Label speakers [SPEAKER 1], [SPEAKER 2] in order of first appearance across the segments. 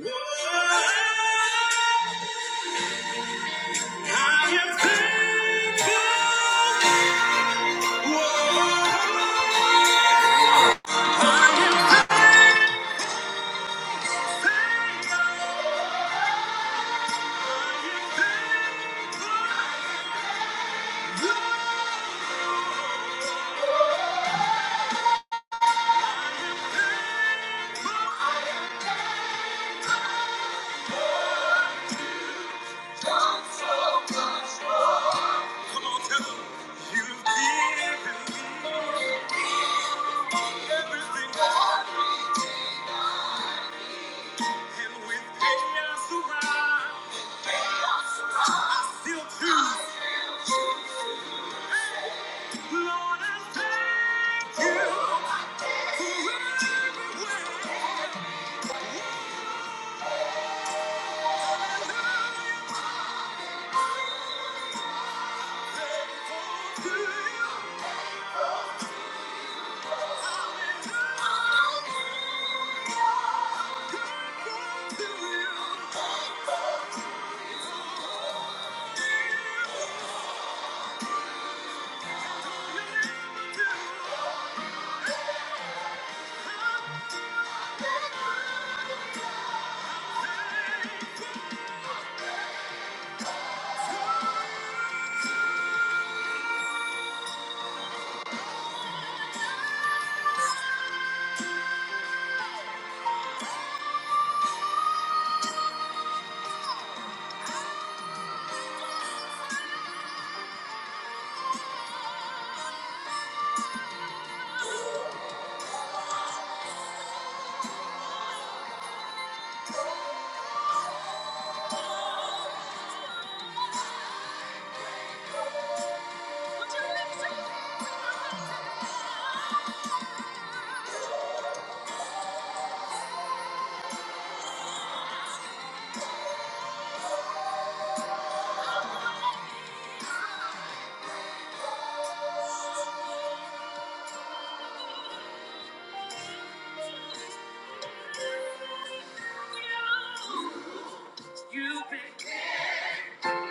[SPEAKER 1] I am thankful. Whoa. Come on, tell 'em. You've given me everything, and with chaos around, I still choose, Lord, I'm thankful.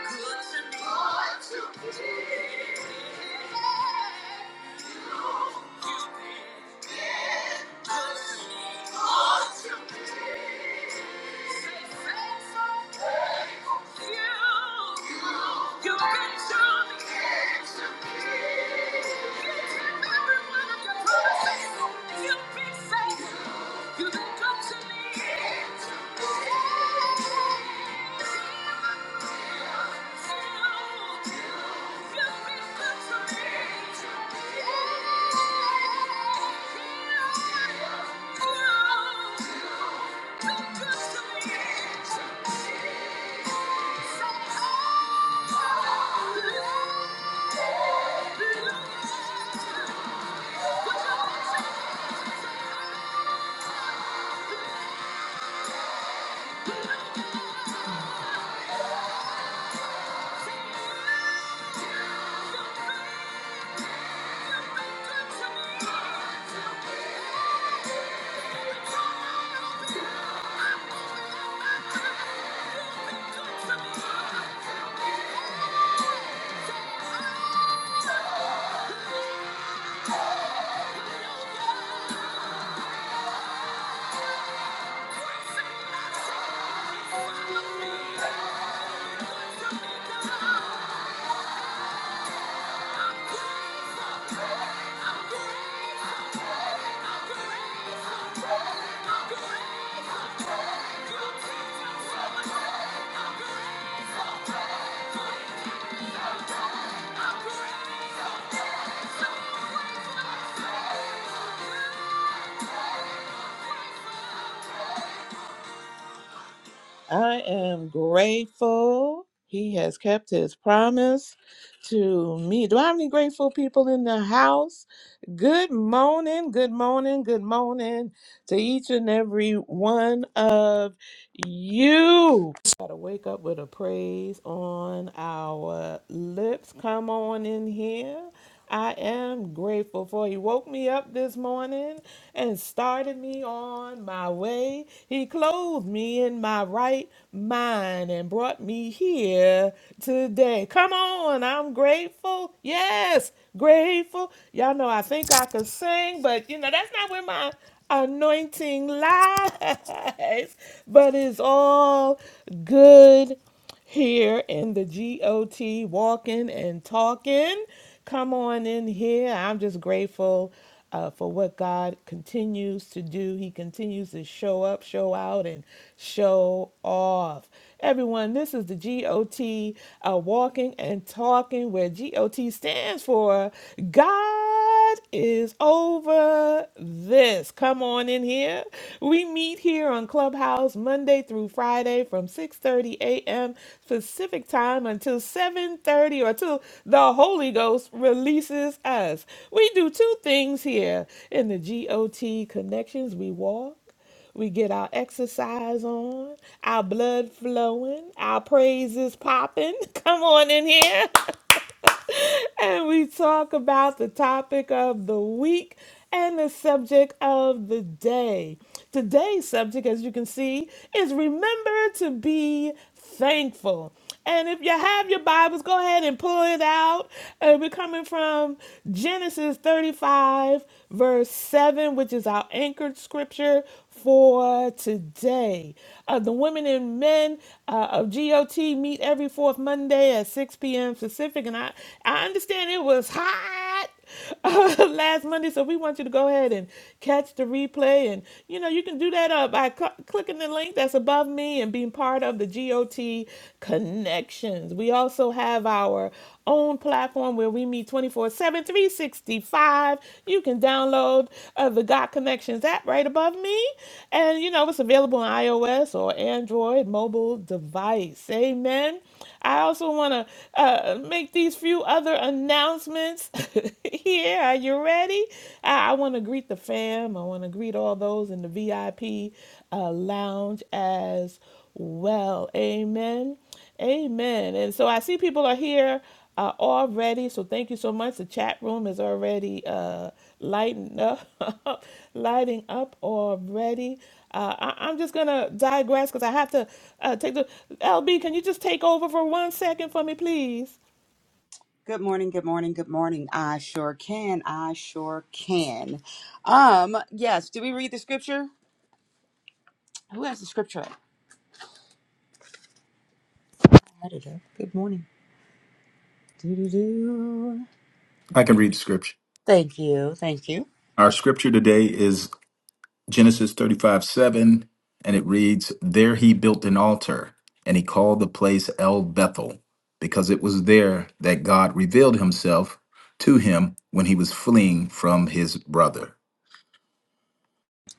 [SPEAKER 1] Thank you. Thank you. Thank you. Thank you. I am grateful he has kept his promise to me. Do I have any grateful people in the house? Good morning, good morning, good morning to each and every one of you. Gotta wake up with a praise on our lips. Come on in here. I am grateful for He woke me up this morning and started me on my way. He clothed me in my right mind and brought me here today. Come on, I'm grateful. Yes, grateful. Y'all know I think I could sing, but you know, that's not where my anointing lies, but it's all good here in the GOT walking and talking. Come on in here. I'm just grateful uh, for what God continues to do. He continues to show up, show out, and show off. Everyone, this is the GOT uh, walking and talking, where GOT stands for God. God is over this. Come on in here. We meet here on Clubhouse Monday through Friday from 6:30 a.m. Pacific time until 7:30 or till the Holy Ghost releases us. We do two things here in the GOT connections. We walk we get our exercise on, our blood flowing, our praises popping. Come on in here. and we talk about the topic of the week and the subject of the day. Today's subject, as you can see, is remember to be thankful. And if you have your Bibles, go ahead and pull it out. Uh, we're coming from Genesis 35, verse 7, which is our anchored scripture for today. Uh, the women and men uh, of GOT meet every fourth Monday at 6 p.m. Pacific and I, I understand it was hot uh, last Monday, so we want you to go ahead and catch the replay. And you know, you can do that uh, by cl- clicking the link that's above me and being part of the GOT Connections. We also have our own platform where we meet 24 7, 365. You can download uh, the Got Connections app right above me. And you know, it's available on iOS or Android mobile device. Amen. I also want to uh, make these these few other announcements here. Are you ready? I, I want to greet the fam. I want to greet all those in the VIP uh, lounge as well. Amen. Amen. And so I see people are here uh, already. So thank you so much. The chat room is already uh, lighting up, lighting up already. Uh, I, I'm just gonna digress because I have to uh, take the LB. Can you just take over for one second for me, please?
[SPEAKER 2] Good morning, good morning, good morning. I sure can. I sure can. Um, yes, do we read the scripture? Who has the scripture? I did Good morning. Doo-doo-doo.
[SPEAKER 3] I can read the scripture.
[SPEAKER 2] Thank you. Thank you.
[SPEAKER 3] Our scripture today is Genesis 35 7, and it reads, There he built an altar, and he called the place El Bethel, because it was there that God revealed himself to him when he was fleeing from his brother.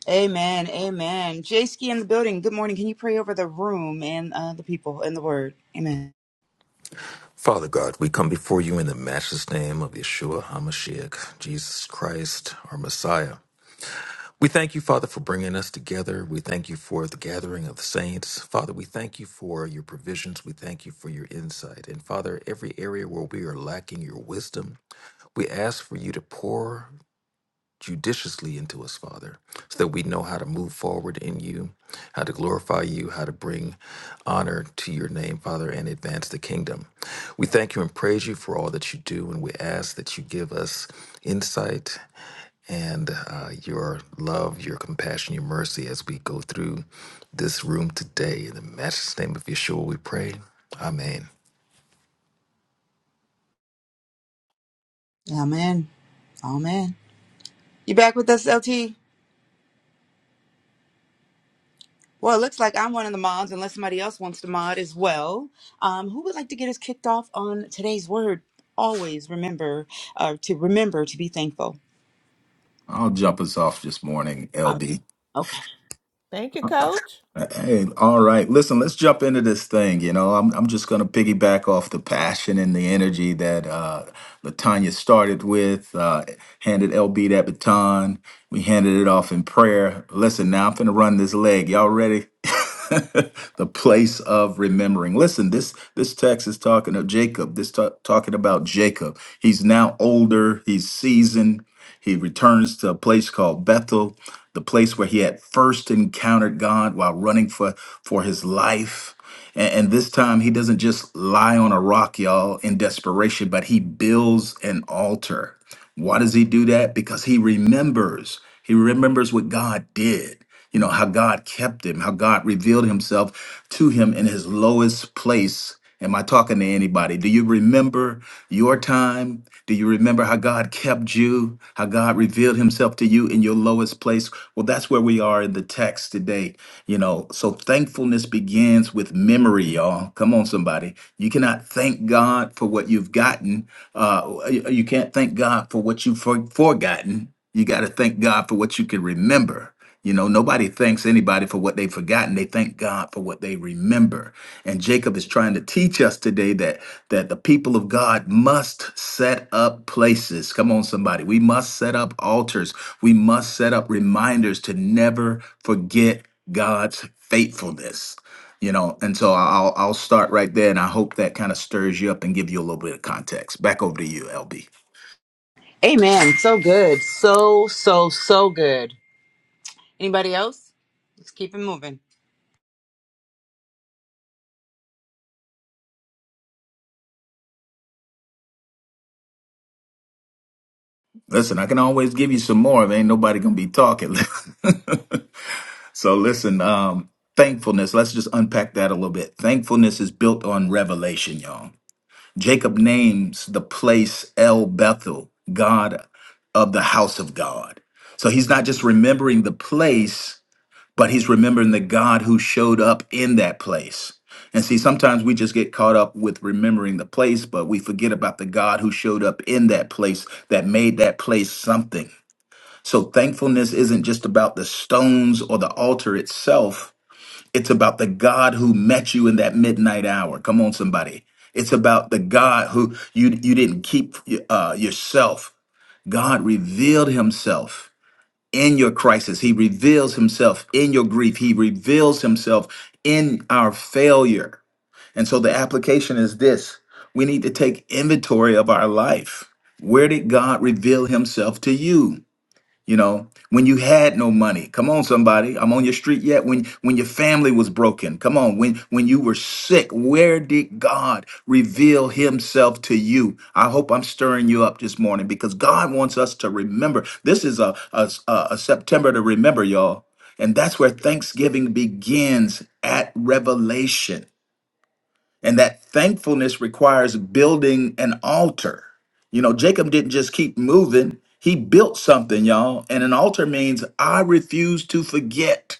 [SPEAKER 2] Amen. Amen. Jay Ski in the building. Good morning. Can you pray over the room and uh, the people and the word? Amen.
[SPEAKER 4] Father God, we come before you in the matchless name of Yeshua HaMashiach, Jesus Christ, our Messiah. We thank you, Father, for bringing us together. We thank you for the gathering of the saints. Father, we thank you for your provisions. We thank you for your insight. And Father, every area where we are lacking your wisdom, we ask for you to pour judiciously into us, Father, so that we know how to move forward in you, how to glorify you, how to bring honor to your name, Father, and advance the kingdom. We thank you and praise you for all that you do, and we ask that you give us insight and uh, your love, your compassion, your mercy as we go through this room today. In the matchless name of Yeshua, we pray. Amen.
[SPEAKER 2] Amen. Amen. You back with us, LT? Well, it looks like I'm one of the mods, unless somebody else wants to mod as well. Um, who would like to get us kicked off on today's word? Always remember uh, to remember to be thankful.
[SPEAKER 3] I'll jump us off this morning,
[SPEAKER 2] Um,
[SPEAKER 3] LB.
[SPEAKER 2] okay.
[SPEAKER 1] Thank you, coach.
[SPEAKER 3] Hey, all right. Listen, let's jump into this thing. You know, I'm I'm just gonna piggyback off the passion and the energy that uh Latanya started with, uh handed LB that baton. We handed it off in prayer. Listen, now I'm gonna run this leg. Y'all ready? the place of remembering. Listen, this this text is talking of Jacob. This ta- talking about Jacob. He's now older, he's seasoned. He returns to a place called Bethel the place where he had first encountered God while running for, for his life. And, and this time, he doesn't just lie on a rock, y'all, in desperation, but he builds an altar. Why does he do that? Because he remembers. He remembers what God did, you know, how God kept him, how God revealed himself to him in his lowest place. Am I talking to anybody? Do you remember your time? Do you remember how God kept you? How God revealed himself to you in your lowest place? Well, that's where we are in the text today. You know, so thankfulness begins with memory, y'all. Come on, somebody. You cannot thank God for what you've gotten. Uh, you you can't thank God for what you've for- forgotten. You got to thank God for what you can remember. You know, nobody thanks anybody for what they've forgotten. They thank God for what they remember. And Jacob is trying to teach us today that that the people of God must set up places. Come on, somebody. We must set up altars. We must set up reminders to never forget God's faithfulness. You know, and so I'll I'll start right there, and I hope that kind of stirs you up and give you a little bit of context. Back over to you, LB.
[SPEAKER 2] Amen. So good. So, so, so good. Anybody else? Let's keep it moving.
[SPEAKER 3] Listen, I can always give you some more. If ain't nobody gonna be talking. so listen, um, thankfulness. Let's just unpack that a little bit. Thankfulness is built on revelation, y'all. Jacob names the place El Bethel, God of the house of God. So he's not just remembering the place but he's remembering the God who showed up in that place. And see, sometimes we just get caught up with remembering the place, but we forget about the God who showed up in that place that made that place something. So thankfulness isn't just about the stones or the altar itself. It's about the God who met you in that midnight hour. Come on, somebody. It's about the God who you you didn't keep uh, yourself. God revealed Himself in your crisis. He reveals himself in your grief. He reveals himself in our failure. And so the application is this we need to take inventory of our life. Where did God reveal himself to you? you know when you had no money come on somebody i'm on your street yet when when your family was broken come on when when you were sick where did god reveal himself to you i hope i'm stirring you up this morning because god wants us to remember this is a a, a a september to remember y'all and that's where thanksgiving begins at revelation and that thankfulness requires building an altar. You know, Jacob didn't just keep moving, he built something, y'all. And an altar means I refuse to forget.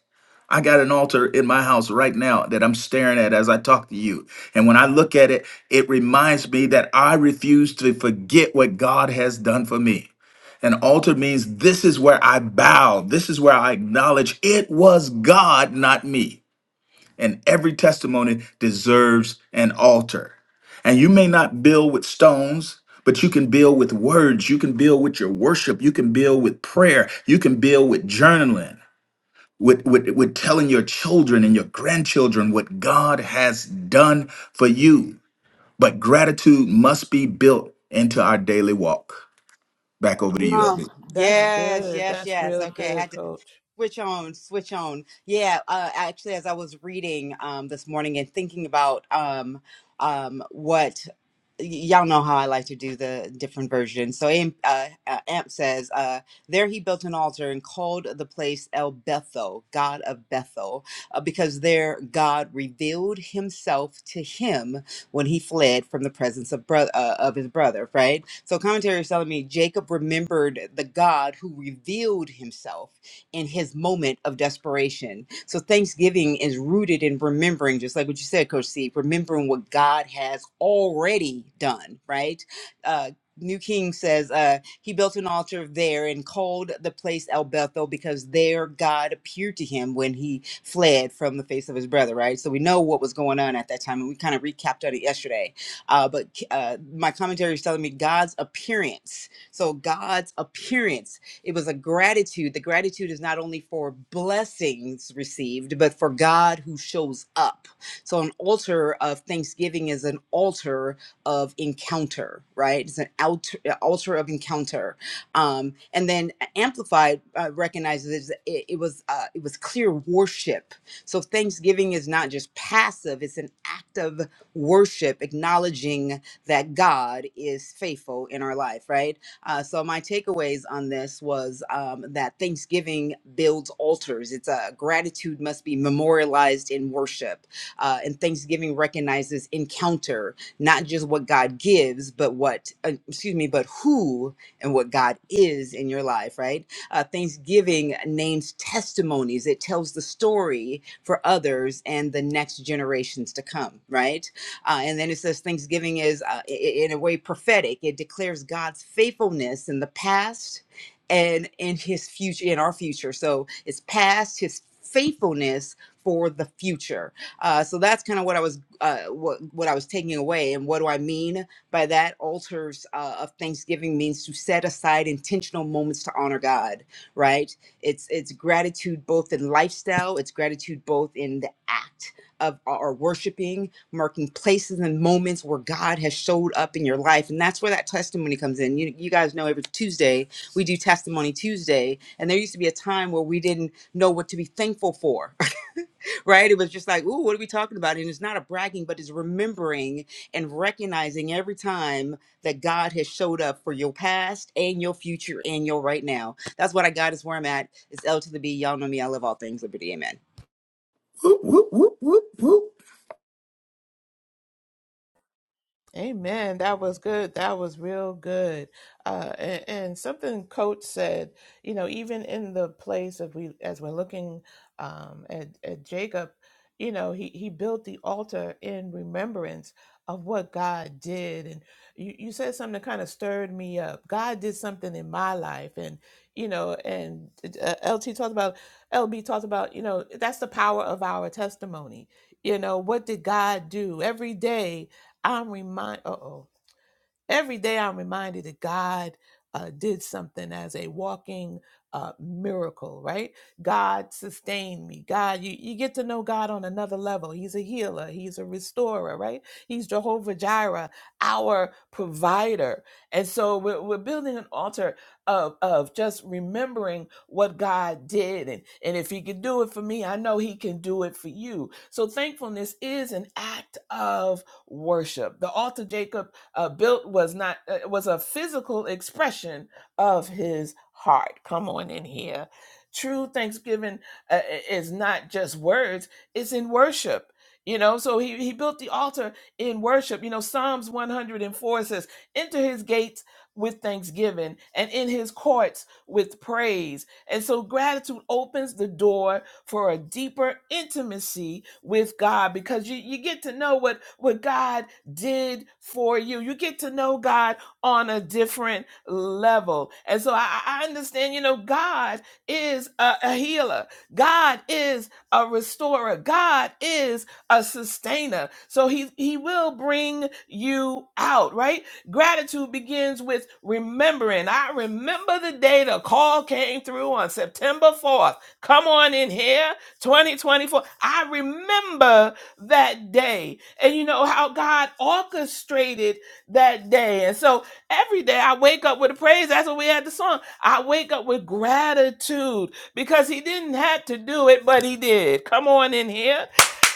[SPEAKER 3] I got an altar in my house right now that I'm staring at as I talk to you. And when I look at it, it reminds me that I refuse to forget what God has done for me. An altar means this is where I bow, this is where I acknowledge it was God, not me and every testimony deserves an altar. And you may not build with stones, but you can build with words. You can build with your worship. You can build with prayer. You can build with journaling, with, with, with telling your children and your grandchildren what God has done for you. But gratitude must be built into our daily walk. Back over to
[SPEAKER 2] Come
[SPEAKER 3] you,
[SPEAKER 2] on.
[SPEAKER 3] LB.
[SPEAKER 1] That's
[SPEAKER 2] Yes,
[SPEAKER 1] good.
[SPEAKER 2] yes,
[SPEAKER 1] That's
[SPEAKER 2] yes.
[SPEAKER 1] real
[SPEAKER 2] Okay.
[SPEAKER 1] good,
[SPEAKER 2] Had to
[SPEAKER 1] coach.
[SPEAKER 2] Switch on, switch on. Yeah, uh, actually, as I was reading um, this morning and thinking about um, um, what y- y'all know how I like to do the different versions. So Am- uh, uh, Amp says, uh, There he built an altar and called the place El Bethel, God of Bethel, uh, because there God revealed himself to him when he fled from the presence of, bro- uh, of his brother, right? So commentary is telling me Jacob remembered the God who revealed himself in his moment of desperation. So Thanksgiving is rooted in remembering, just like what you said, Coach C, remembering what God has already done, right? Uh, New King says uh, he built an altar there and called the place El Bethel because there God appeared to him when he fled from the face of his brother, right? So we know what was going on at that time, and we kind of recapped on it yesterday. Uh, but uh, my commentary is telling me God's appearance. So God's appearance it was a gratitude. The gratitude is not only for blessings received, but for God who shows up. So an altar of thanksgiving is an altar of encounter, right? It's an altar, altar of encounter. Um, and then Amplified uh, recognizes that it, it was uh, it was clear worship. So thanksgiving is not just passive; it's an active worship, acknowledging that God is faithful in our life, right? Uh, so my takeaways on this was um, that Thanksgiving builds altars. It's a gratitude must be memorialized in worship, uh, and Thanksgiving recognizes encounter, not just what God gives, but what uh, excuse me, but who and what God is in your life. Right? Uh, Thanksgiving names testimonies. It tells the story for others and the next generations to come. Right? Uh, and then it says Thanksgiving is, uh, in a way, prophetic. It declares God's faithfulness in the past and in His future, in our future. So it's past His faithfulness for the future. Uh, so that's kind of what I was, uh, what what I was taking away. And what do I mean by that? Altars uh, of Thanksgiving means to set aside intentional moments to honor God. Right? It's it's gratitude both in lifestyle. It's gratitude both in the act of our worshiping marking places and moments where God has showed up in your life. And that's where that testimony comes in. You, you guys know every Tuesday we do Testimony Tuesday. And there used to be a time where we didn't know what to be thankful for, right? It was just like, ooh, what are we talking about? And it's not a bragging, but it's remembering and recognizing every time that God has showed up for your past and your future and your right now. That's what I got is where I'm at. It's L to the B. Y'all know me. I love all things liberty. Amen.
[SPEAKER 3] Whoop, whoop, whoop, whoop, whoop,
[SPEAKER 1] Amen. That was good. That was real good. Uh, and, and something Coach said, you know, even in the place of we, as we're looking um, at, at Jacob, you know, he, he built the altar in remembrance of what God did. And you, you said something that kind of stirred me up. God did something in my life. And, you know, and uh, LT talked about, LB talked about, you know, that's the power of our testimony. You know, what did God do every day? I'm remind. Uh oh. Every day I'm reminded that God uh, did something as a walking uh, miracle, right? God sustained me. God, you, you get to know God on another level. He's a healer, He's a restorer, right? He's Jehovah Jireh, our provider. And so we're, we're building an altar of, of just remembering what God did. And, and if He could do it for me, I know He can do it for you. So thankfulness is an act of worship. The altar, Jacob uh, built was not uh, was a physical expression of his heart. Come on in here. True Thanksgiving uh, is not just words; it's in worship. You know, so he, he built the altar in worship. You know, Psalms 104 says, Enter his gates with thanksgiving and in his courts with praise. And so gratitude opens the door for a deeper intimacy with God because you, you get to know what, what God did for you. You get to know God on a different level. And so I, I understand, you know, God is a, a healer, God is a restorer, God is a sustainer. So he, he will bring you out, right? Gratitude begins with remembering. I remember the day the call came through on September 4th. Come on in here, 2024. I remember that day and you know how God orchestrated that day. And so every day I wake up with a praise. That's what we had the song. I wake up with gratitude because he didn't have to do it, but he did. Come on in here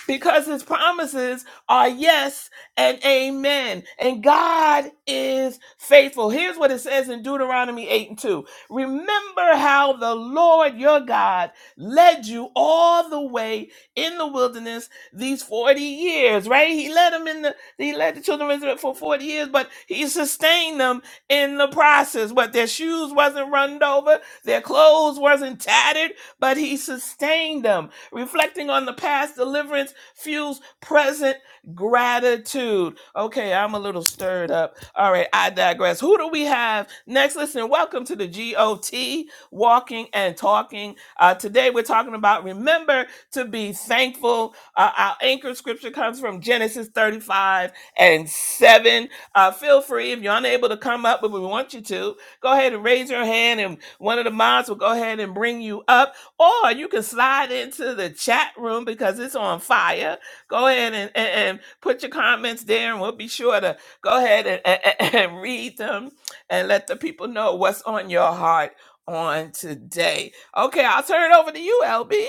[SPEAKER 1] because his promises are yes and amen. And God is faithful. Here's what it says in Deuteronomy 8 and 2. Remember how the Lord your God led you all the way in the wilderness these 40 years, right? He led them in the he led the children of Israel for 40 years, but he sustained them in the process. But their shoes wasn't run over, their clothes wasn't tattered, but he sustained them reflecting on the past deliverance Fuse present gratitude. Okay, I'm a little stirred up. All right, I digress. Who do we have next? Listen, welcome to the GOT Walking and Talking. Uh, today we're talking about remember to be thankful. Uh, our anchor scripture comes from Genesis 35 and 7. Uh, feel free if you're unable to come up, but we want you to go ahead and raise your hand, and one of the mods will go ahead and bring you up. Or you can slide into the chat room because it's on fire. Go ahead and, and, and put your comments there, and we'll be sure to go ahead and, and, and read them and let the people know what's on your heart on today. Okay, I'll turn it over to you, LB.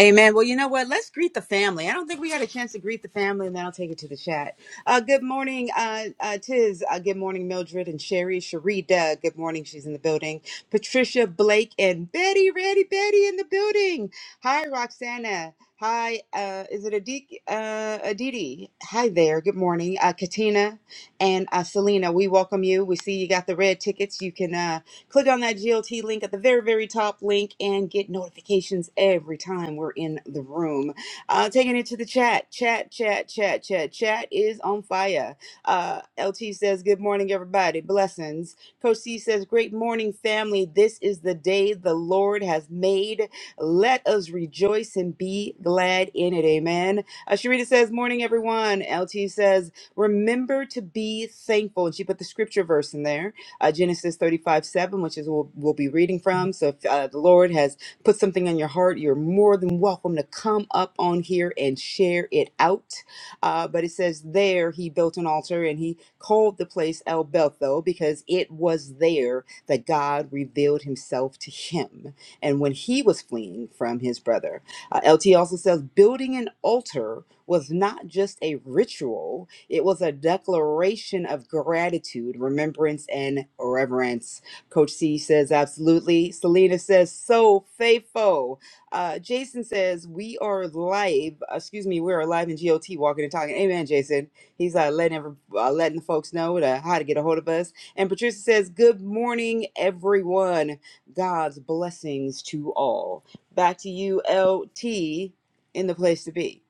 [SPEAKER 2] Amen. Well, you know what? Let's greet the family. I don't think we had a chance to greet the family, and then I'll take it to the chat. Uh, good morning, uh, uh, Tiz. Uh, good morning, Mildred and Sherry. Cherie, Doug. Good morning. She's in the building. Patricia, Blake, and Betty. Ready, Betty in the building. Hi, Roxana. Hi, uh, is it Adik, uh, Aditi? Hi there. Good morning, uh, Katina and uh, Selena. We welcome you. We see you got the red tickets. You can. Uh, Click on that GLT link at the very, very top link and get notifications every time we're in the room. Uh, taking it to the chat, chat, chat, chat, chat, chat is on fire. Uh, LT says, Good morning, everybody. Blessings. Coach C says, Great morning, family. This is the day the Lord has made. Let us rejoice and be glad in it. Amen. Uh, Sharita says, Morning, everyone. L T says, Remember to be thankful. And she put the scripture verse in there uh, Genesis 35 7, which is what we'll be reading from. So if uh, the Lord has put something on your heart, you're more than welcome to come up on here and share it out. Uh, but it says, There he built an altar and he called the place El Bethel because it was there that God revealed himself to him. And when he was fleeing from his brother, uh, LT also says, Building an altar was not just a ritual it was a declaration of gratitude, remembrance, and reverence. Coach C says, absolutely. Selena says, so faithful. Uh, Jason says, we are live. Excuse me, we are live in GOT, walking and talking. Amen, Jason. He's uh, letting, every, uh, letting the folks know to, how to get a hold of us. And Patricia says, good morning, everyone. God's blessings to all. Back to you, L T, in the place to be.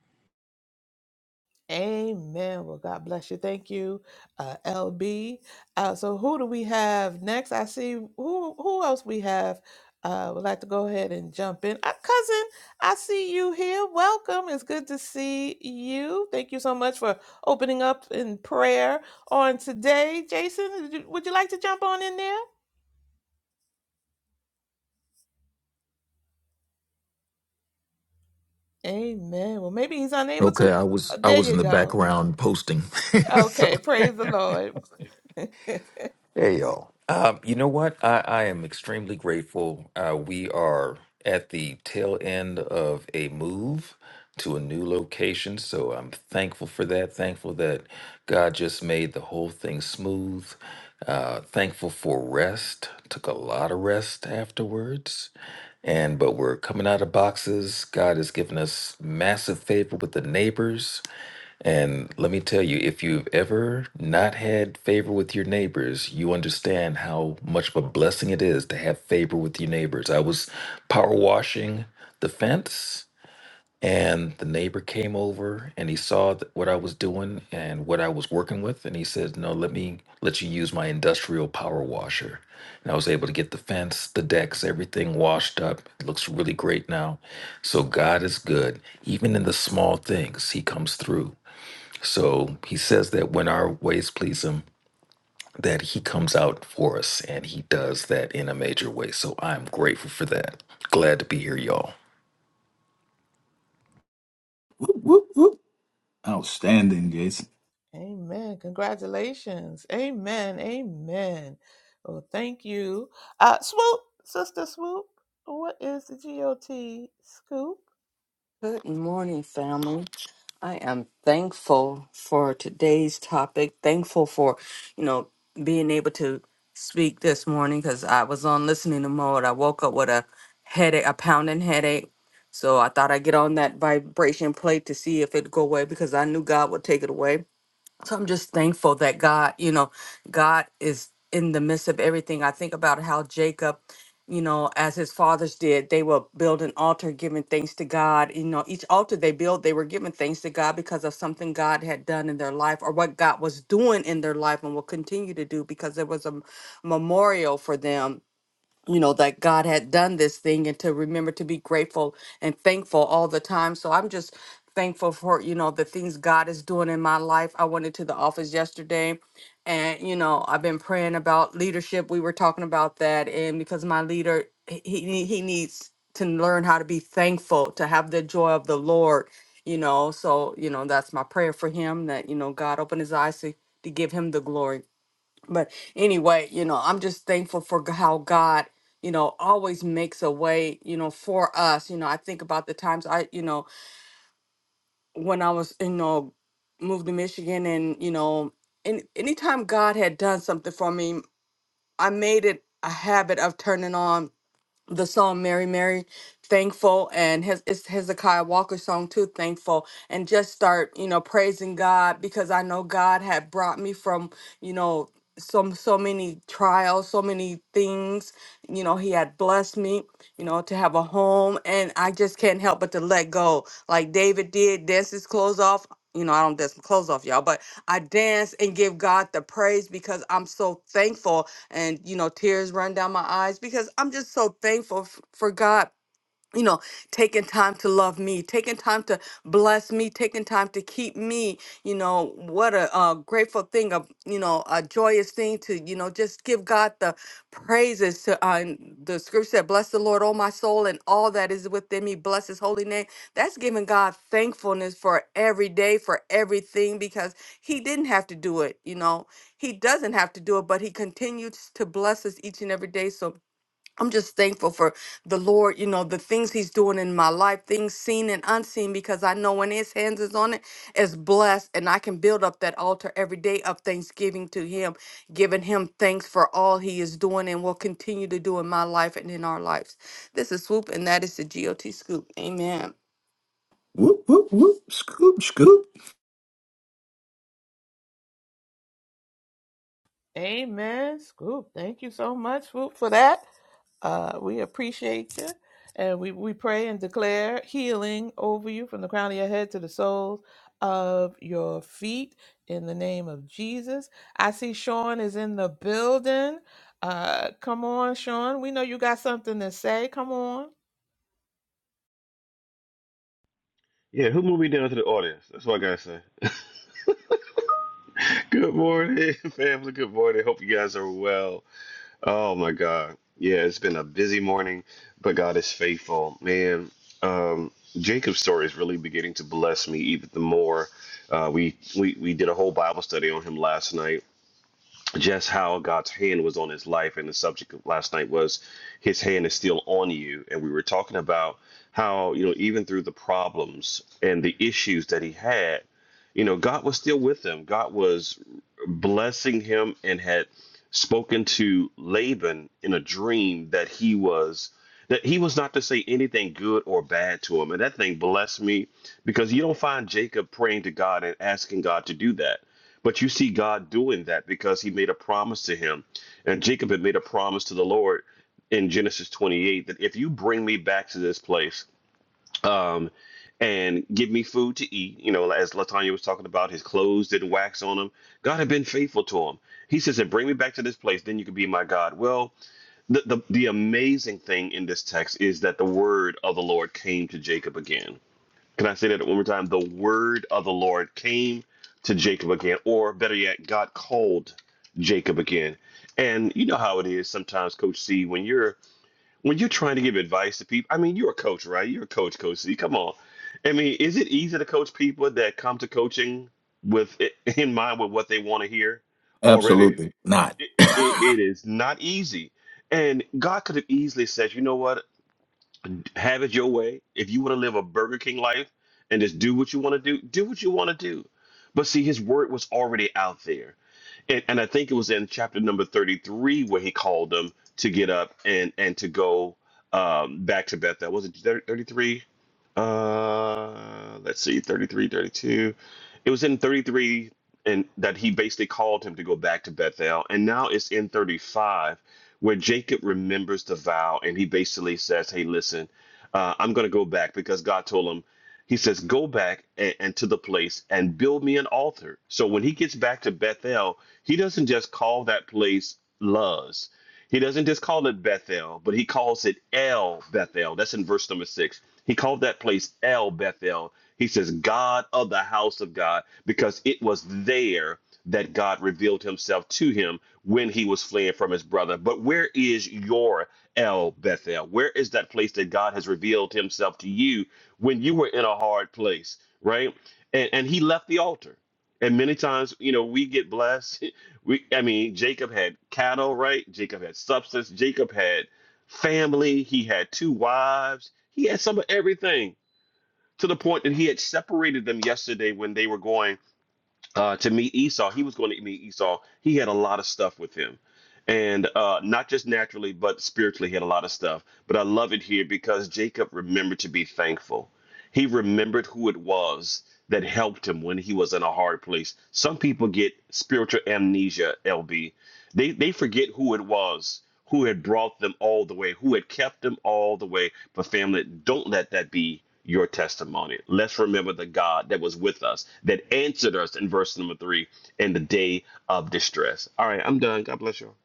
[SPEAKER 1] Amen. Well, God bless you. Thank you, uh, LB. Uh, so, who do we have next? I see who who else we have. Uh, would like to go ahead and jump in. Uh, cousin, I see you here. Welcome. It's good to see you. Thank you so much for opening up in prayer on today. Jason, would you would you like to jump on in there? Amen. Well, maybe he's unable to.
[SPEAKER 4] Okay, I
[SPEAKER 1] Uh,
[SPEAKER 4] was I
[SPEAKER 1] There
[SPEAKER 4] was
[SPEAKER 1] you
[SPEAKER 4] in the
[SPEAKER 1] go.
[SPEAKER 4] background posting.
[SPEAKER 1] Okay,
[SPEAKER 4] so
[SPEAKER 1] praise the Lord.
[SPEAKER 4] Hey, y'all. Um, you know what? I, I am extremely grateful. Uh, we are at the tail end of a move to a new location. So I'm thankful for that. Thankful that God just made the whole thing smooth. Uh, thankful for rest. Took a lot of rest afterwards. And but we're coming out of boxes. God has given us massive favor with the neighbors. And let me tell you, if you've ever not had favor with your neighbors, you understand how much of a blessing it is to have favor with your neighbors. I was power washing the fence, and the neighbor came over and he saw th- what I was doing and what I was working with. And he said, No, let me let you use my industrial power washer. And I was able to get the fence, the decks, everything washed up. It looks really great now. So God is good. Even in the small things, He comes through. So he says that when our ways please him, that he comes out for us and he does that in a major way. So I'm grateful for that. Glad to be here, y'all.
[SPEAKER 3] whoop, whoop, whoop. Outstanding, Jason.
[SPEAKER 1] Amen. Congratulations. Amen. Amen. Well, thank you. Uh, swoop, sister swoop. What is the GOT scoop?
[SPEAKER 5] Good morning, family. I am thankful for today's topic. Thankful for, you know, being able to speak this morning because I was on listening to mode. I woke up with a headache, a pounding headache. So I thought I'd get on that vibration plate to see if it'd go away because I knew God would take it away. So I'm just thankful that God, you know, God is in the midst of everything. I think about how Jacob, you know, as his fathers did, they will build an altar giving thanks to God. You know, each altar they built, they were giving thanks to God because of something God had done in their life or what God was doing in their life and will continue to do because there was a m- memorial for them you know that God had done this thing and to remember to be grateful and thankful all the time. So I'm just thankful for you know the things God is doing in my life. I went into the office yesterday and you know I've been praying about leadership. We were talking about that and because my leader he he he needs to learn how to be thankful, to have the joy of the Lord, you know. So, you know, that's my prayer for him that you know God open his eyes to, to give him the glory. But anyway, you know, I'm just thankful for g- how God, you know, always makes a way, you know, for us. You know, I think about the times I, you know, when I was, you know, moved to Michigan and, you know, and anytime God had done something for me, I made it a habit of turning on the song Mary Mary thankful and his it's Hezekiah Walker song too thankful and just start you know praising God because I know God had brought me from you know some so many trials so many things you know he had blessed me you know to have a home and I just can't help but to let go like David did dance his clothes off you know I don't dance my clothes off y'all but I dance and give God the praise because I'm so thankful and you know tears run down my eyes because i'm just so thankful f- for god you know, taking time to love me, taking time to bless me, taking time to keep me. You know, what a, uh grateful thing, a you know, a joyous thing to you know just give God the praises. To uh, and the scripture said, "Bless the Lord, oh my soul, and all that is within me. Bless His holy name." That's giving God thankfulness for every day, for everything, because He didn't have to do it. You know, He doesn't have to do it, but He continues to bless us each and every day. So I'm just thankful for the Lord, you know, the things He's doing in my life, things seen and unseen, because I know when His hands is on it, it's blessed. And I can build up that altar every day of thanksgiving to Him, giving Him thanks for all He is doing and will continue to do in my life and in our lives. This is Swoop, and that is the GOT Scoop. Amen.
[SPEAKER 3] Whoop, whoop, whoop. Scoop, scoop.
[SPEAKER 1] Amen. Scoop. Thank you so much, swoop, for that. Uh, we appreciate you. And we, we pray and declare healing over you from the crown of your head to the soles of your feet in the name of Jesus. I see Sean is in the building. Uh, come on, Sean. We know you got something to say. Come on.
[SPEAKER 6] Yeah, who moved me down to the audience? That's what I gotta say. Good morning, family. Good morning. Hope you guys are well. Oh my God. Yeah, it's been a busy morning, but God is faithful. Man, um, Jacob's story is really beginning to bless me even the more. Uh, we, we we did a whole Bible study on him last night just how God's hand was on his life. And the subject of last night was his hand is still on you. And we were talking about how, you know, even through the problems and the issues that he had, you know, God was still with him. God was blessing him and had spoken to Laban in a dream that he was that he was not to say anything good or bad to him. And that thing blessed me because you don't find Jacob praying to God and asking God to do that but you see God doing that because he made a promise to him. And Jacob had made a promise to the Lord in Genesis 28 that if you bring me back to this place um, and give me food to eat, you know, as Latanya was talking about, his clothes didn't wax on him. God had been faithful to him. He says, and bring me back to this place, then you can be my God. Well, the, the, the amazing thing in this text is that the word of the Lord came to Jacob again can I say that one more time? The word of the Lord came to Jacob again, or better yet, God called Jacob again. And you know how it is sometimes, Coach C, when you're when you're trying to give advice to people. I mean, you're a coach, right? You're a coach, Coach C. Come on. I mean, is it easy to coach people that come to coaching with in mind with what they want to hear already?
[SPEAKER 3] Absolutely not.
[SPEAKER 6] It, it, it is not easy. And God could have easily said, you know what? have it your way. If you want to live a Burger King life and just do what you want to do, do what you want to do. But see, his word was already out there and, and I think it was in chapter number 33 where he called them to get up and and to go um, back to Bethel. Was it 33? Uh, let's see, 33, 32. It was in 33 and that he basically called him to go back to Bethel. And now it's in 35 where Jacob remembers the vow and he basically says, Hey, listen, uh, I'm going to go back because God told him he says, Go back and, and to the place and build me an altar. So when he gets back to Bethel, he doesn't just call that place Luz. He doesn't just call it Bethel, but he calls it El Bethel. That's in verse number six. He called that place El Bethel. He says, God of the house of God, because it was there that God revealed himself to him when he was fleeing from his brother. But where is your El Bethel? Where is that place that God has revealed himself to you when you were in a hard place, right? And and he left the altar. And many times, you know, we get blessed. We I mean, Jacob had cattle, right? Jacob had substance, Jacob had family, he had two wives, he had some of everything to the point that he had separated them yesterday when they were going uh, to meet Esau. He was going to meet Esau. He had a lot of stuff with him. And uh, not just naturally, but spiritually, he had a lot of stuff. But I love it here because Jacob remembered to be thankful. He remembered who it was that helped him when he was in a hard place. Some people get spiritual amnesia, LB, they they forget who it was who had brought them all the way, who had kept them all the way. But family, don't let that be your testimony. Let's remember the God that was with us, that answered us in verse number three in the day of distress. All right, I'm done. God bless you. all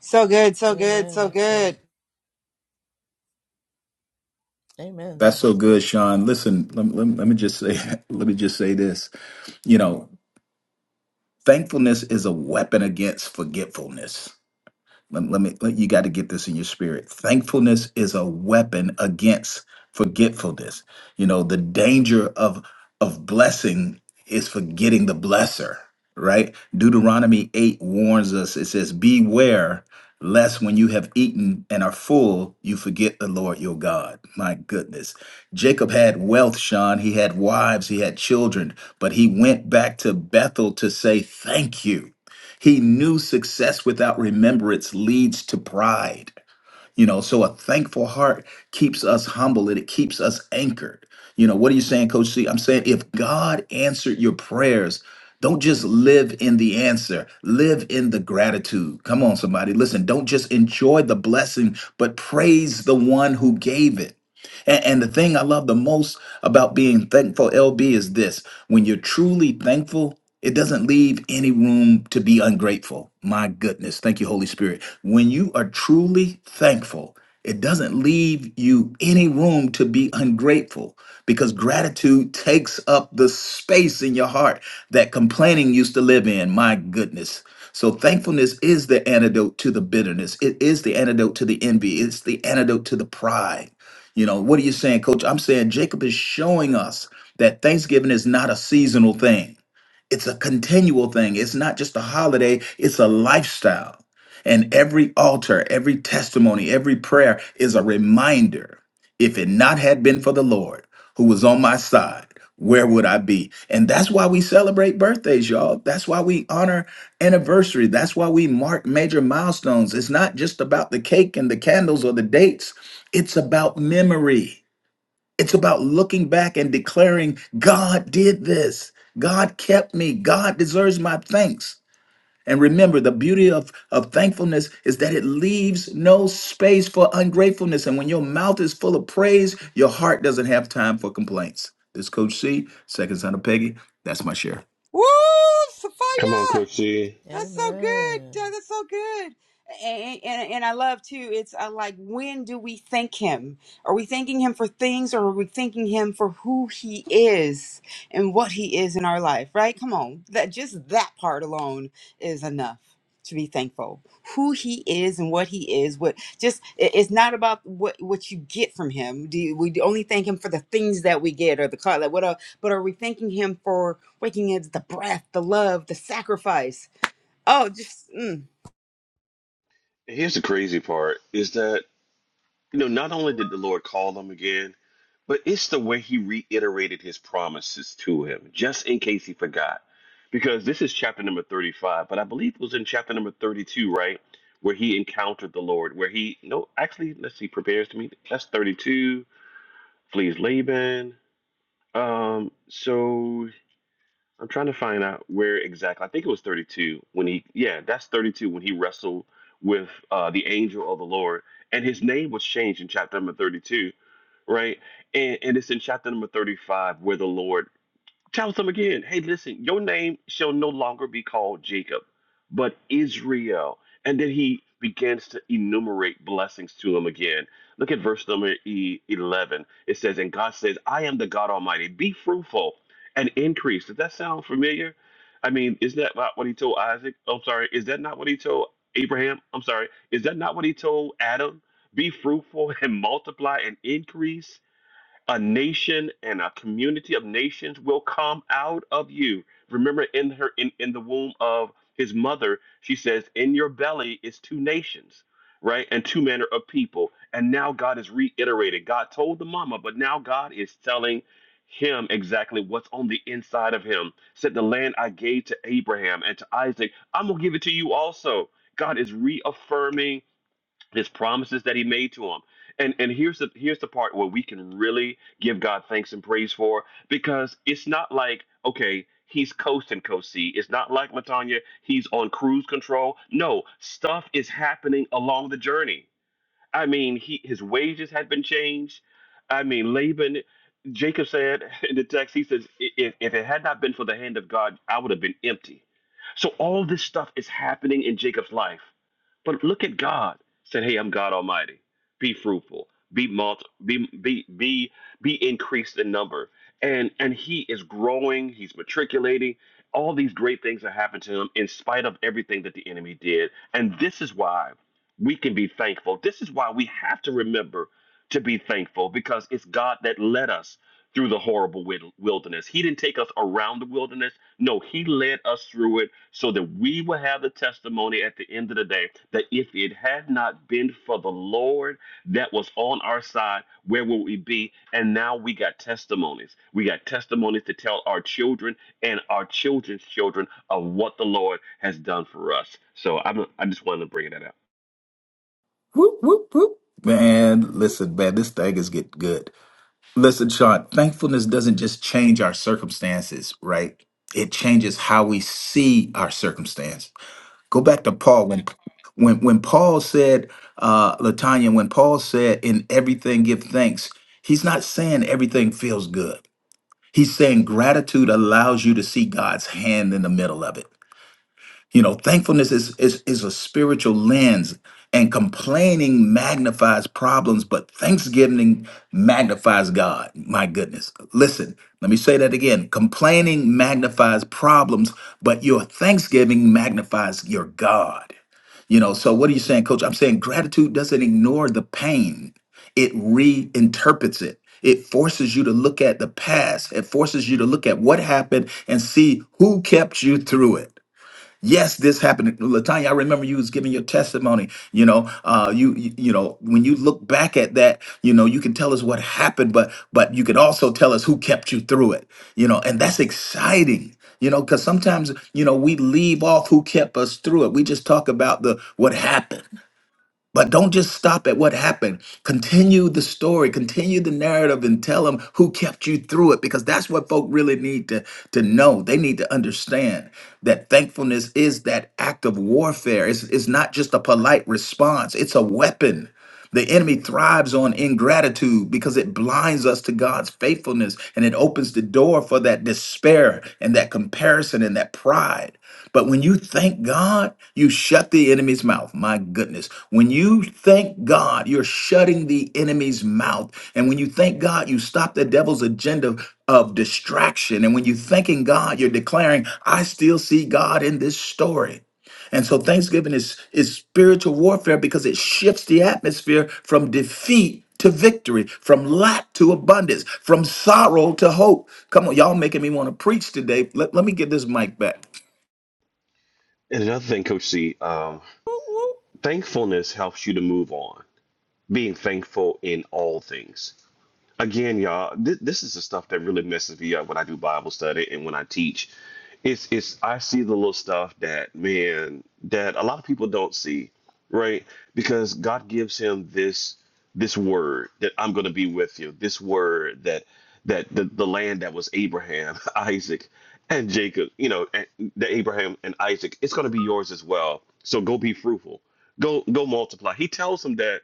[SPEAKER 2] So good, so good,
[SPEAKER 1] Amen.
[SPEAKER 2] so
[SPEAKER 1] That's
[SPEAKER 2] good.
[SPEAKER 1] good. Amen.
[SPEAKER 3] That's
[SPEAKER 1] That
[SPEAKER 3] so
[SPEAKER 1] was
[SPEAKER 3] good,
[SPEAKER 1] good.
[SPEAKER 3] Sean. Listen, let, let, let me just say, let me just say this. You know, thankfulness is a weapon against forgetfulness. Let, let me let you got to get this in your spirit. Thankfulness is a weapon against forgetfulness. You know, the danger of of blessing is forgetting the blesser, right? Deuteronomy 8 warns us. It says, "Beware lest when you have eaten and are full, you forget the Lord your God." My goodness. Jacob had wealth, Sean. He had wives, he had children, but he went back to Bethel to say thank you he knew success without remembrance leads to pride. You know, so a thankful heart keeps us humble and it keeps us anchored. You know, what are you saying, Coach C? I'm saying if God answered your prayers, don't just live in the answer, live in the gratitude. Come on, somebody. Listen, don't just enjoy the blessing, but praise the one who gave it. And, and the thing I love the most about being thankful, LB, is this when you're truly thankful, it doesn't leave any room to be ungrateful. My goodness. Thank you, Holy Spirit. When you are truly thankful, it doesn't leave you any room to be ungrateful because gratitude takes up the space in your heart that complaining used to live in. My goodness. So, thankfulness is the antidote to the bitterness. It is the antidote to the envy. It's the antidote to the pride. You know, what are you saying, coach? I'm saying Jacob is showing us that Thanksgiving is not a seasonal thing. It's a continual thing. It's not just a holiday, it's a lifestyle. And every altar, every testimony, every prayer is a reminder. If it not had been for the Lord who was on my side, where would I be? And that's why we celebrate birthdays, y'all. That's why we honor anniversary. That's why we mark major milestones. It's not just about the cake and the candles or the dates. It's about memory. It's about looking back and declaring, God did this. God kept me. God deserves my thanks. And remember, the beauty of, of thankfulness is that it leaves no space for ungratefulness. And when your mouth is full of praise, your heart doesn't have time for complaints. This is Coach C, second son of Peggy. That's my share.
[SPEAKER 2] Woo!
[SPEAKER 6] Come on,
[SPEAKER 2] Sophia!
[SPEAKER 6] Coach C.
[SPEAKER 2] That's so good.
[SPEAKER 1] Amen.
[SPEAKER 2] Dad, That's so good. And, and and I love too. It's uh, like when do we thank him? Are we thanking him for things, or are we thanking him for who he is and what he is in our life? Right? Come on, that just that part alone is enough to be thankful. Who he is and what he is. What just it- it's not about what what you get from him. Do you, we only thank him for the things that we get or the car? Like what? el- But are we thanking him for waking us the breath, the love, the sacrifice? Oh, just mm.
[SPEAKER 6] Here's the crazy part is that You know, not only did the Lord call him again, but it's the way he reiterated his promises to him, just in case he forgot. Because this is chapter number 35, but I believe it was in chapter number 32, right? Where he encountered the Lord, where he, no, actually, let's see, prepares to meet. That's 32, flees Laban. Um, so I'm trying to find out where exactly. I think it was 32 when he, yeah, that's 32 when he wrestled with uh, the angel of the Lord, and his name was changed in chapter number 32 right? And, and it's in chapter number 35 where the Lord tells them again, hey, listen, your name shall no longer be called Jacob, but Israel. And then he begins to enumerate blessings to them again. Look at verse number e- 11. It says, And God says, I am the God Almighty. Be fruitful and increase. Does that sound familiar? I mean, is that not what he told Isaac? I'm sorry. Is that not what he told Abraham? I'm sorry. Is that not what he told Adam? Be fruitful and multiply and increase a nation and a community of nations will come out of you. Remember, in her in, in the womb of his mother, she says, In your belly is two nations, right? And two manner of people. And now God is reiterated. God told the mama, but now God is telling him exactly what's on the inside of him. Said the land I gave to Abraham and to Isaac, I'm gonna give it to you also. God is reaffirming his promises that he made to him. And and here's the here's the part where we can really give God thanks and praise for because it's not like okay he's coasting coast C. It's not like Latanya he's on cruise control. No, stuff is happening along the journey. I mean, he his wages had been changed. I mean, Laban, Jacob said in the text, he says, "I- if, if it had not been for the hand of God, I would have been empty. So all this stuff is happening in Jacob's life. But look at God said, Hey, I'm God Almighty. Be fruitful, be multi, be be be be increased in number. And and he is growing, he's matriculating. All these great things that happened to him in spite of everything that the enemy did. And this is why we can be thankful. This is why we have to remember to be thankful because it's God that led us through the horrible wil- wilderness. He didn't take us around the wilderness. No, He led us through it so that we will have the testimony at the end of the day that if it had not been for the Lord that was on our side, where would we be? And now we got testimonies. We got testimonies to tell our children and our children's children of what the Lord has done for us. So I'm, I just wanted to bring that up.
[SPEAKER 3] Whoop, whoop, whoop. Man,
[SPEAKER 1] Whoop,
[SPEAKER 3] listen, man, this thing is getting good. Listen, Sean, thankfulness doesn't just change our circumstances, right? It changes how we see our circumstance. Go back to Paul when when when Paul said, uh, Latanya, when Paul said, in everything give thanks, he's not saying everything feels good. He's saying gratitude allows you to see God's hand in the middle of it. You know, thankfulness is is is a spiritual lens, and complaining magnifies problems, but thanksgiving magnifies God. My goodness. Listen, let me say that again. Complaining magnifies problems, but your thanksgiving magnifies your God. You know, so what are you saying, coach? I'm saying gratitude doesn't ignore the pain. It reinterprets it. It forces you to look at the past. It forces you to look at what happened and see who kept you through it. Yes, this happened. Latanya, I remember you was giving your testimony. You know, uh, you, you you know, when you look back at that, you know, you can tell us what happened, but but you can also tell us who kept you through it. You know, and that's exciting. You know, because sometimes you know we leave off who kept us through it. We just talk about the what happened. But don't just stop at what happened. Continue the story, continue the narrative, and tell them who kept you through it because that's what folk really need to, to know. They need to understand that thankfulness is that act of warfare. It's, it's not just a polite response, it's a weapon. The enemy thrives on ingratitude because it blinds us to God's faithfulness and it opens the door for that despair and that comparison and that pride. But when you thank God, you shut the enemy's mouth. My goodness. When you thank God, you're shutting the enemy's mouth. And when you thank God, you stop the devil's agenda of distraction. And when you're thanking God, you're declaring, I still see God in this story. And so Thanksgiving is, is spiritual warfare because it shifts the atmosphere from defeat to victory, from lack to abundance, from sorrow to hope. Come on, y'all making me want to preach today. Let, let me get this mic back.
[SPEAKER 6] And another thing, Coach C, um,
[SPEAKER 1] whoop, whoop,
[SPEAKER 6] thankfulness helps you to move on. Being thankful in all things again, y'all, th- this is the stuff that really messes me up when I do Bible study and when I teach. It's it's I see the little stuff that man that a lot of people don't see, right? Because God gives him this this word that I'm going to be with you. This word that that the, the land that was Abraham, Isaac, and Jacob, you know, and the Abraham and Isaac, it's going to be yours as well. So go be fruitful. Go go multiply. He tells them that.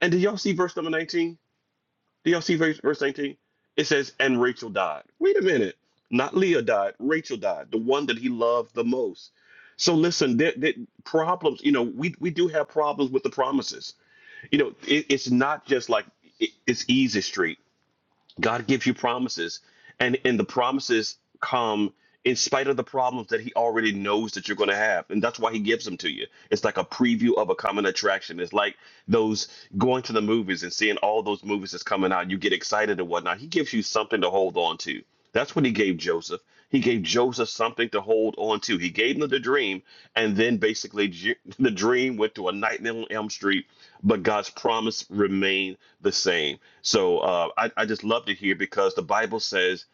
[SPEAKER 6] And did y'all see verse number 19? Do y'all see verse, verse 19? It says, and Rachel died. Wait a minute. Not Leah died, Rachel died, the one that he loved the most. So listen, there, there, problems, you know, we, we do have problems with the promises. You know, it, it's not just like it, it's easy street. God gives you promises, and and the promises come in spite of the problems that He already knows that you're going to have, and that's why He gives them to you. It's like a preview of a common attraction. It's like those going to the movies and seeing all those movies that's coming out. You get excited and whatnot. He gives you something to hold on to. That's what he gave Joseph. He gave Joseph something to hold on to. He gave him the dream, and then basically J- the dream went to a nightmare on Elm Street, but God's promise remained the same. So uh, I, I just love to hear because the Bible says,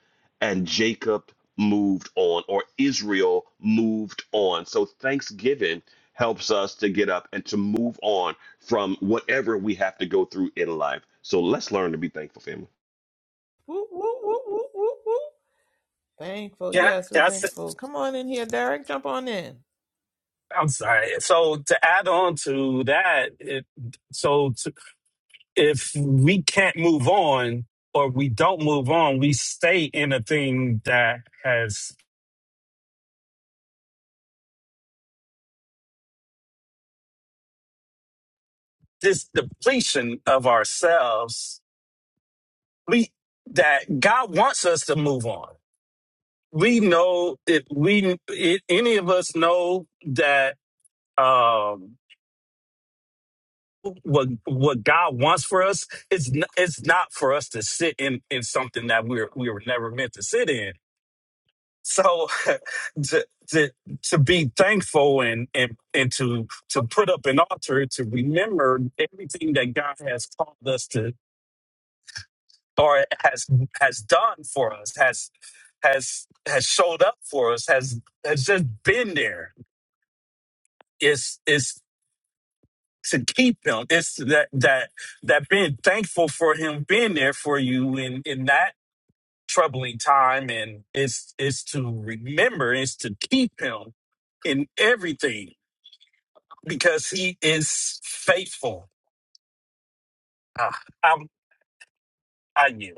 [SPEAKER 6] and Jacob moved on, or Israel moved on. So Thanksgiving helps us to get up and to move on from whatever we have to go through in life. So let's learn to be thankful, family.
[SPEAKER 1] whoop, whoop, whoop, whoop, whoop, whoop. Thankful.
[SPEAKER 7] Yeah,
[SPEAKER 1] Yes, we're
[SPEAKER 7] that's.
[SPEAKER 1] thankful. Come on in here, Derek. Jump on in.
[SPEAKER 7] I'm sorry. So to add on to that, it, so to, if we can't move on or we don't move on, we stay in a thing that has this depletion of ourselves. We that God wants us to move on. We know if we it, any of us know that. Um, what what God wants for us it's n- it's not for us to sit in in something that we are we were never meant to sit in. So to to to be thankful and and and to to put up an altar to remember everything that God has called us to or has has done for us has has has showed up for us has has just been there. It's it's To keep him, It's that that that being thankful for him being there for you in in that troubling time, and it's it's to remember, it's to keep him in everything because he is faithful. Ah, I'm I knew.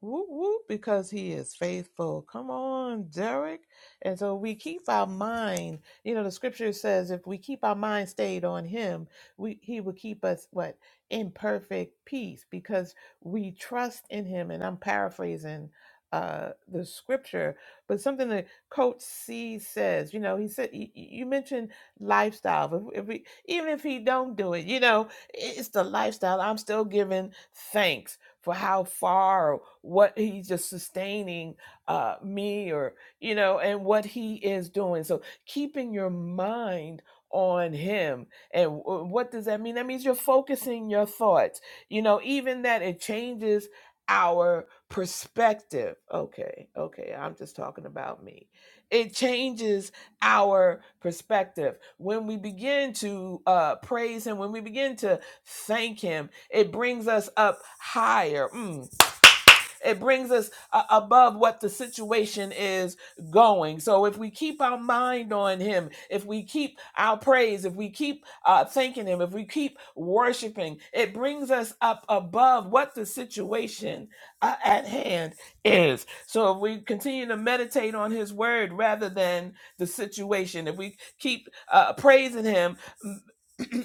[SPEAKER 1] Whoop, whoop, because he is faithful. Come on, Derek. And so we keep our mind, you know, the scripture says if we keep our mind stayed on him, we he will keep us what? In perfect peace because we trust in him. And I'm paraphrasing uh the scripture, but something that Coach C says, you know, he said y- y- you mentioned lifestyle. If, if we even if he don't do it, you know, it's the lifestyle. I'm still giving thanks for how far or what he's just sustaining uh, me or you know and what he is doing so keeping your mind on him and w- what does that mean that means you're focusing your thoughts you know even that it changes our perspective okay okay i'm just talking about me it changes our perspective when we begin to uh praise him when we begin to Thank Him. It brings us up higher. Mm. It brings us uh, above what the situation is going. So if we keep our mind on Him, if we keep our praise, if we keep uh, thanking Him, if we keep worshiping, it brings us up above what the situation uh, at hand is. So if we continue to meditate on His Word rather than the situation, if we keep uh, praising Him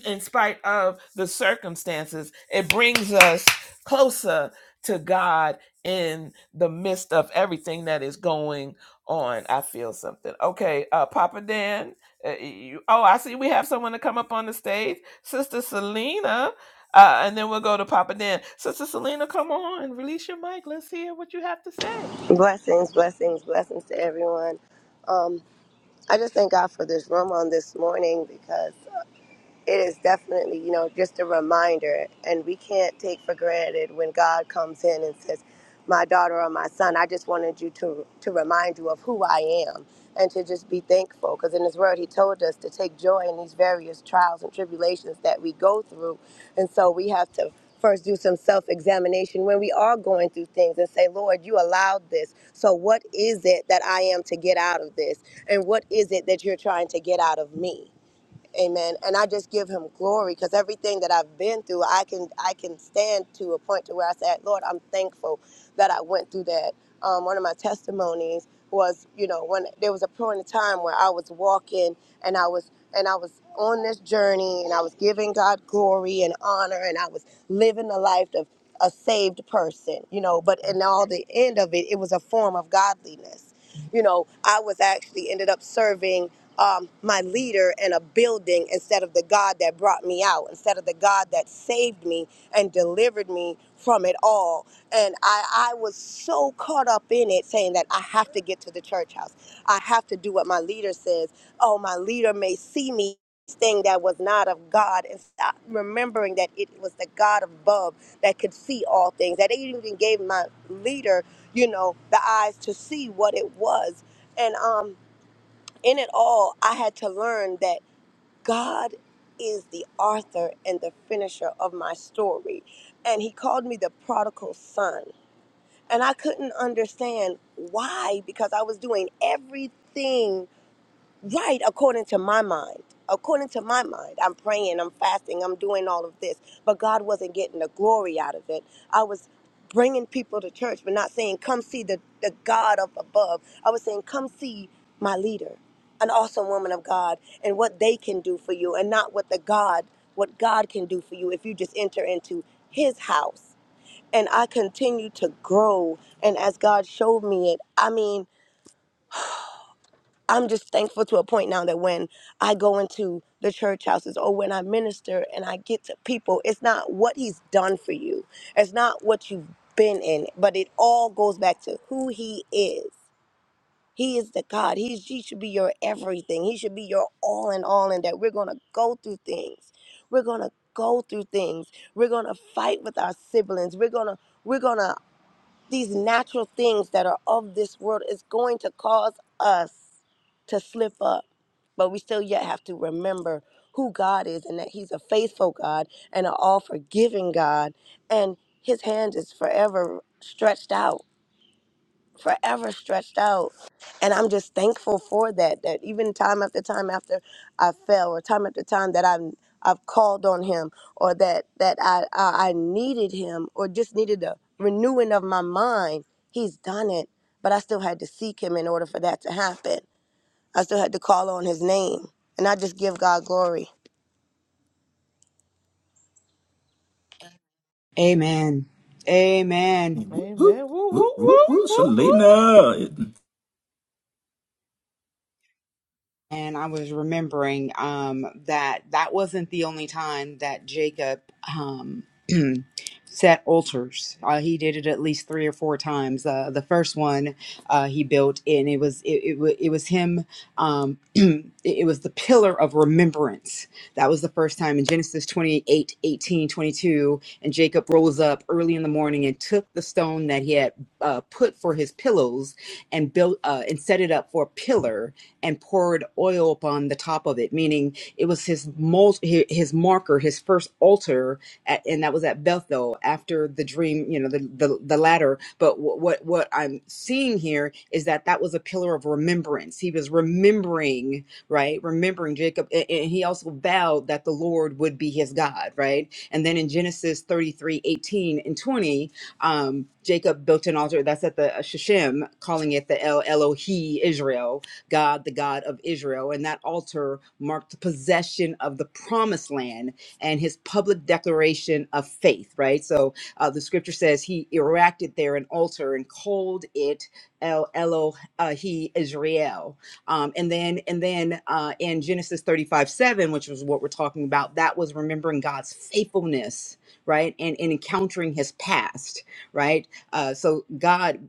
[SPEAKER 1] in spite of the circumstances, it brings us closer to God in the midst of everything that is going on. I feel something. Okay, uh, Papa Dan. Uh, you, oh, I see we have someone to come up on the stage, Sister Selena. Uh, and then we'll go to Papa Dan. Sister Selena, come on, release your mic. Let's hear what you have to say.
[SPEAKER 8] Blessings, blessings, blessings to everyone. I just thank God for this room on this morning because it is definitely, you know, just a reminder. And we can't take for granted when God comes in and says, My daughter or my son, I just wanted you to, to remind you of who I am and to just be thankful. Because in His Word, He told us to take joy in these various trials and tribulations that we go through. And so we have to first do some self examination when we are going through things and say, Lord, you allowed this. So what is it that I am to get out of this? And what is it that you're trying to get out of me? Amen. And I just give him glory because everything that I've been through, I can I can stand to a point to where I said, Lord, I'm thankful that I went through that. Um, one of my testimonies was, you know, when there was a point in time where I was walking and I was and I was on this journey and I was giving God glory and honor and I was living the life of a saved person, you know, but in all the end of it, it was a form of godliness. You know, I was actually ended up serving um, my leader in a building instead of the God that brought me out, instead of the God that saved me and delivered me from it all. And I, I was so caught up in it saying that I have to get to the church house. I have to do what my leader says. Oh, my leader may see me thing that was not of God and stop remembering that it was the God above that could see all things. That they even gave my leader, you know, the eyes to see what it was. And um in it all, I had to learn that God is the author and the finisher of my story. And he called me the prodigal son. And I couldn't understand why because I was doing everything right according to my mind according to my mind i'm praying i'm fasting i'm doing all of this but god wasn't getting the glory out of it i was bringing people to church but not saying come see the, the god up above i was saying come see my leader an awesome woman of god and what they can do for you and not what the god what god can do for you if you just enter into his house and i continue to grow and as god showed me it i mean I'm just thankful to a point now that when I go into the church houses or when I minister and I get to people, it's not what he's done for you, it's not what you've been in, but it all goes back to who he is. He is the God. He's, he should be your everything. He should be your all in all, and that we're going to go through things. We're going to go through things. We're going to fight with our siblings. We're going to. We're gonna these natural things that are of this world is going to cause us to slip up. But we still yet have to remember who God is and that He's a faithful God and an all forgiving God. And His hand is forever stretched out forever stretched out. And I'm just thankful for that. That even time after time after I fell, or time after time that I'm I've called on Him, or that that I I I needed Him, or just needed a renewing of my mind. He's done it, but I still had to seek Him in order for that to happen. I still had to call on His name, and I just give God glory.
[SPEAKER 2] Amen. Amen.
[SPEAKER 3] Whoop, whoop,
[SPEAKER 1] Amen. Woo, woo,
[SPEAKER 3] whoop, whoop,
[SPEAKER 1] woo,
[SPEAKER 3] whoop,
[SPEAKER 1] woo, woo,
[SPEAKER 3] Selena.
[SPEAKER 2] And I was remembering um, that that wasn't the only time that Jacob um, set altars. Uh, he did it at least three or four times. Uh, the first one uh, he built, and it was it, it, wa- it was him. Um, it, it was the pillar of remembrance. That was the first time in Genesis 28 18 22. And Jacob rose up early in the morning and took the stone that he had uh, put for his pillows and built uh, and set it up for a pillar and poured oil upon the top of it, meaning it was his mul- hi- his marker, his first altar, at, and that was at Bethel after the dream, you know, the the, the ladder. But wh- what what I'm seeing here is that that was a pillar of remembrance. He was remembering, right, remembering Jacob, a- and he also vowed that the Lord would be his God, right. And then in Genesis 33, 18 and 20, um, Jacob built an altar. That's at the uh, Shechem, calling it the El Elohi Israel God, the God of Israel. And that altar marked the possession of the promised land and his public declaration of faith, right? So uh, the scripture says he erected there an altar and called it El Elohi Israel. Um, and then, and then uh, in Genesis 35 7, which was what we're talking about, that was remembering God's faithfulness, right? And, and encountering his past, right? Uh, so God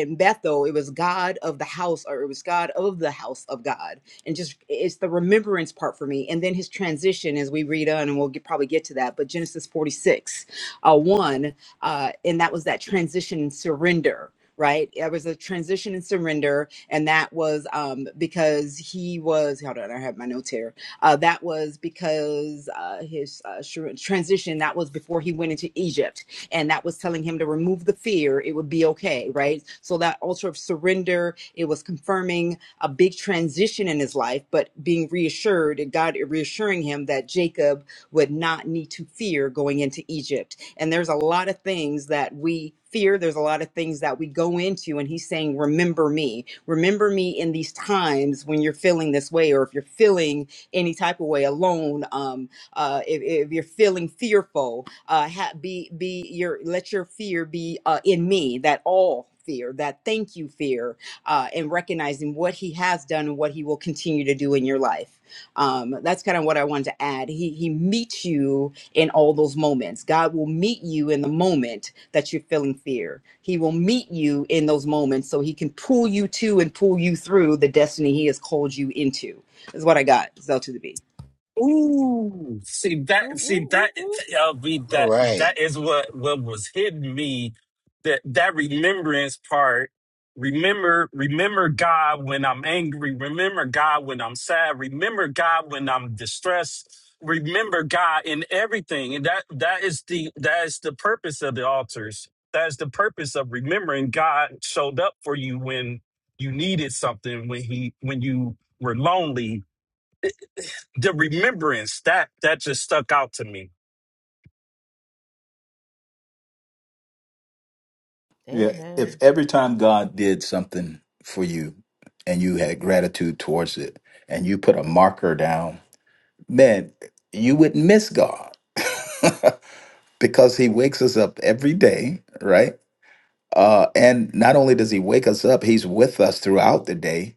[SPEAKER 2] in Bethel, it was God of the house, or it was God of the house of God, and just it's the remembrance part for me. And then his transition, as we read on, and we'll get, probably get to that. But Genesis forty six, uh, one, uh, and that was that transition and surrender. Right, it was a transition and surrender, and that was um, because he was. Hold on, I have my notes here. Uh, that was because uh, his uh, sure, transition. That was before he went into Egypt and that was telling him to remove the fear it would be okay right so that altar of surrender it was confirming a big transition in his life but being reassured and god reassuring him that jacob would not need to fear going into egypt and there's a lot of things that we fear there's a lot of things that we go into and he's saying remember me remember me in these times when you're feeling this way or if you're feeling any type of way alone um, uh, if, if you're feeling fearful, uh, ha- be be your let your fear be uh, in me. That all fear, that thank you fear, uh, and recognizing what He has done and what He will continue to do in your life. Um, that's kind of what I wanted to add. He He meets you in all those moments. God will meet you in the moment that you're feeling fear. He will meet you in those moments so He can pull you to and pull you through the destiny He has called you into. Is what I got. Zell to the B.
[SPEAKER 7] Ooh, see
[SPEAKER 1] woo,
[SPEAKER 7] that,
[SPEAKER 1] woo,
[SPEAKER 7] see
[SPEAKER 1] woo,
[SPEAKER 7] that,
[SPEAKER 1] woo.
[SPEAKER 7] I'll be
[SPEAKER 9] All
[SPEAKER 7] that.
[SPEAKER 9] right.
[SPEAKER 7] That is what what was hitting me. That that remembrance part. Remember, remember God when I'm angry. Remember God when I'm sad. Remember God when I'm distressed. Remember God in everything, and that that is the that is the purpose of the altars. That is the purpose of remembering God showed up for you when you needed something, when he when you were lonely, the remembrance that that just stuck out to me.
[SPEAKER 3] Yeah. If
[SPEAKER 1] Amen.
[SPEAKER 3] every time God did something for you and you had gratitude towards it and you put a marker down, man, you would miss God because He wakes us up every day, right? Uh, and not only does He wake us up, He's with us throughout the day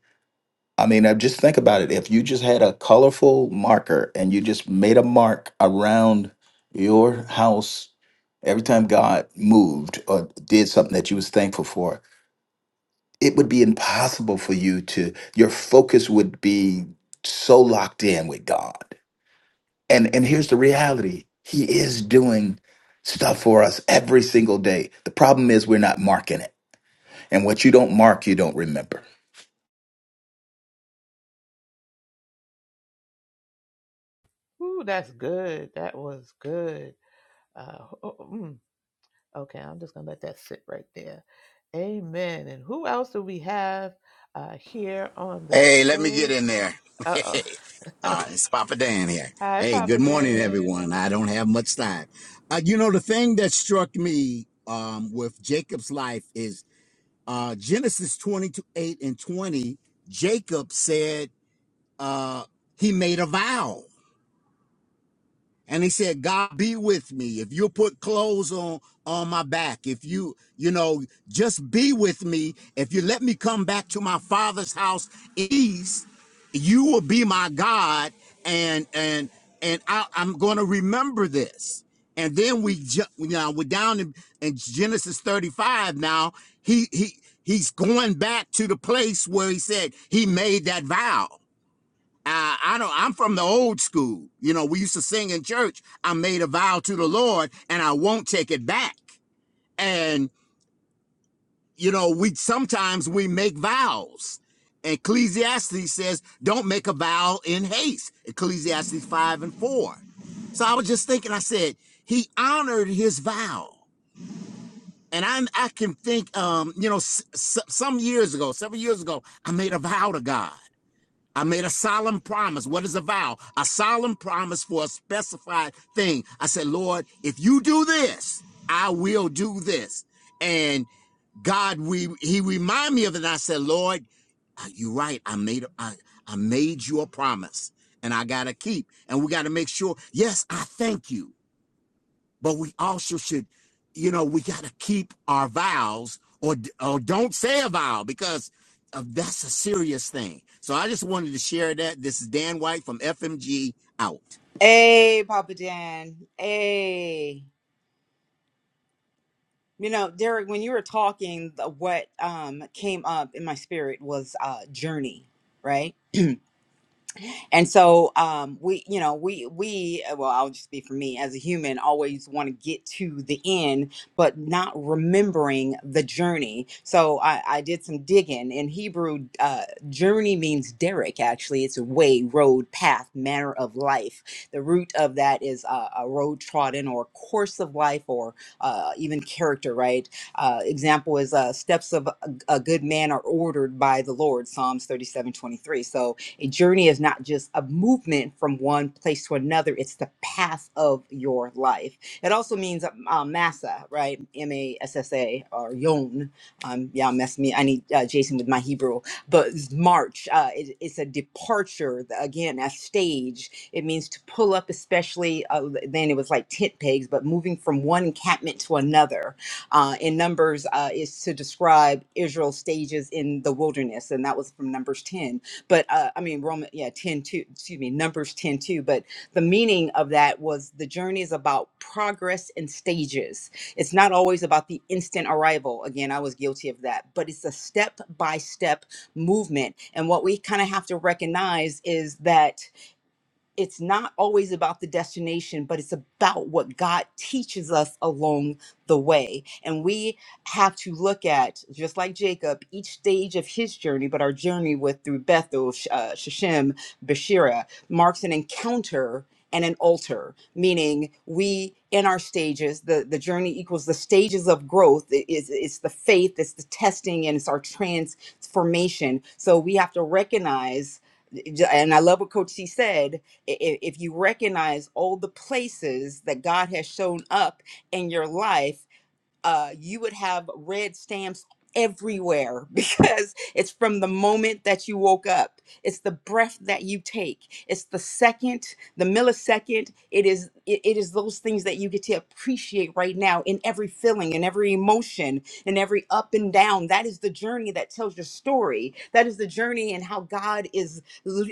[SPEAKER 3] I mean, I just think about it. If you just had a colorful marker and you just made a mark around your house every time God moved or did something that you was thankful for, it would be impossible for you to your focus would be so locked in with God. And and here's the reality. He is doing stuff for us every single day. The problem is we're not marking it. And what you don't mark, you don't remember.
[SPEAKER 1] Ooh, that's good. That was good. Uh, oh, oh, mm. Okay, I'm just gonna let that sit right there. Amen. And who else do we have uh, here on the
[SPEAKER 9] Hey, let me get
[SPEAKER 1] stage?
[SPEAKER 9] in there.
[SPEAKER 1] Uh oh.
[SPEAKER 9] uh, it's Papa Dan here.
[SPEAKER 1] Hi,
[SPEAKER 9] Hey,
[SPEAKER 1] Papa
[SPEAKER 9] good morning,
[SPEAKER 1] Dan.
[SPEAKER 9] everyone. I don't have much time. Uh, you know, the thing that struck me um, with Jacob's life is uh, Genesis 22, 8 and 20. Jacob said uh, he made a vow. and he said god be with me if you put clothes on on my back if you you know just be with me if you let me come back to my father's house east you will be my god and and and I, i'm going to remember this and then we ju- you know we're down in, in genesis 35 now he he he's going back to the place where he said he made that vow uh, I don't. I'm from the old school. You know, we used to sing in church. I made a vow to the Lord, and I won't take it back. And you know, we sometimes we make vows. Ecclesiastes says, "Don't make a vow in haste." Ecclesiastes five and four. So I was just thinking. I said he honored his vow, and I I can think. Um, you know, s- s- some years ago, several years ago, I made a vow to God I made a solemn promise. What is a vow? A solemn promise for a specified thing. I said, Lord, if you do this, I will do this. And God, we He reminded me of it. And I said, Lord, uh, you're right. I made I I made you a promise, and I gotta keep. And we gotta make sure. Yes, I thank you but we also should, you know, we got to keep our vows or, or don't say a vow because uh, that's a serious thing. So I just wanted to share that. This is Dan White from FMG out.
[SPEAKER 2] Hey, Papa Dan. Hey. You know, Derek, when you were talking, the- what um came up in my spirit was uh journey, right? and so um we you know we we uh, well i'll just be for me as a human always want to get to the end but not remembering the journey so i i did some digging in hebrew uh journey means derek actually it's a way road path manner of life the root of that is uh, a road trodden or course of life or uh even character right uh example is uh steps of a, a good man are ordered by the lord psalms thirty-seven twenty-three. So. A journey is not just a movement from one place to another, it's the path of your life. It also means um, uh, Massa, right? M A S S A or Yon. Um, yeah, mess me. I need uh, Jason with my Hebrew. But it's March, uh, it, it's a departure, the- again, a stage. It means to pull up, especially uh, then it was like tent pegs, but moving from one encampment to another uh, in Numbers uh, is to describe Israel's stages in the wilderness, and that was from Numbers 10 but uh, I mean Roman, yeah, ten two. Excuse me, Numbers ten two. But the meaning of that was the journey is about progress and stages. It's not always about the instant arrival. Again, I was guilty of that, but it's a step by step movement. And what we kind of have to recognize is that it's not always about the destination, but it's about what God teaches us along the way. And we have to look at, just like Jacob, each stage of his journey, but our journey with through Bethel, Sh- uh, Shechem, Bashira marks an encounter and an altar, meaning we in our stages, the, the journey equals the stages of growth. It is it's the faith, it's the testing, and it's our transformation. So we have to recognize, and I love what Coach C said if you recognize all the places that God has shown up in your life uh, you would have red stamps everywhere because it's from the moment that you woke up. It's the breath that you take. It's the second, the millisecond. It is it, it is those things that you get to appreciate right now in every feeling, in every emotion, in every up and down. That is the journey that tells your story. That is the journey and how God is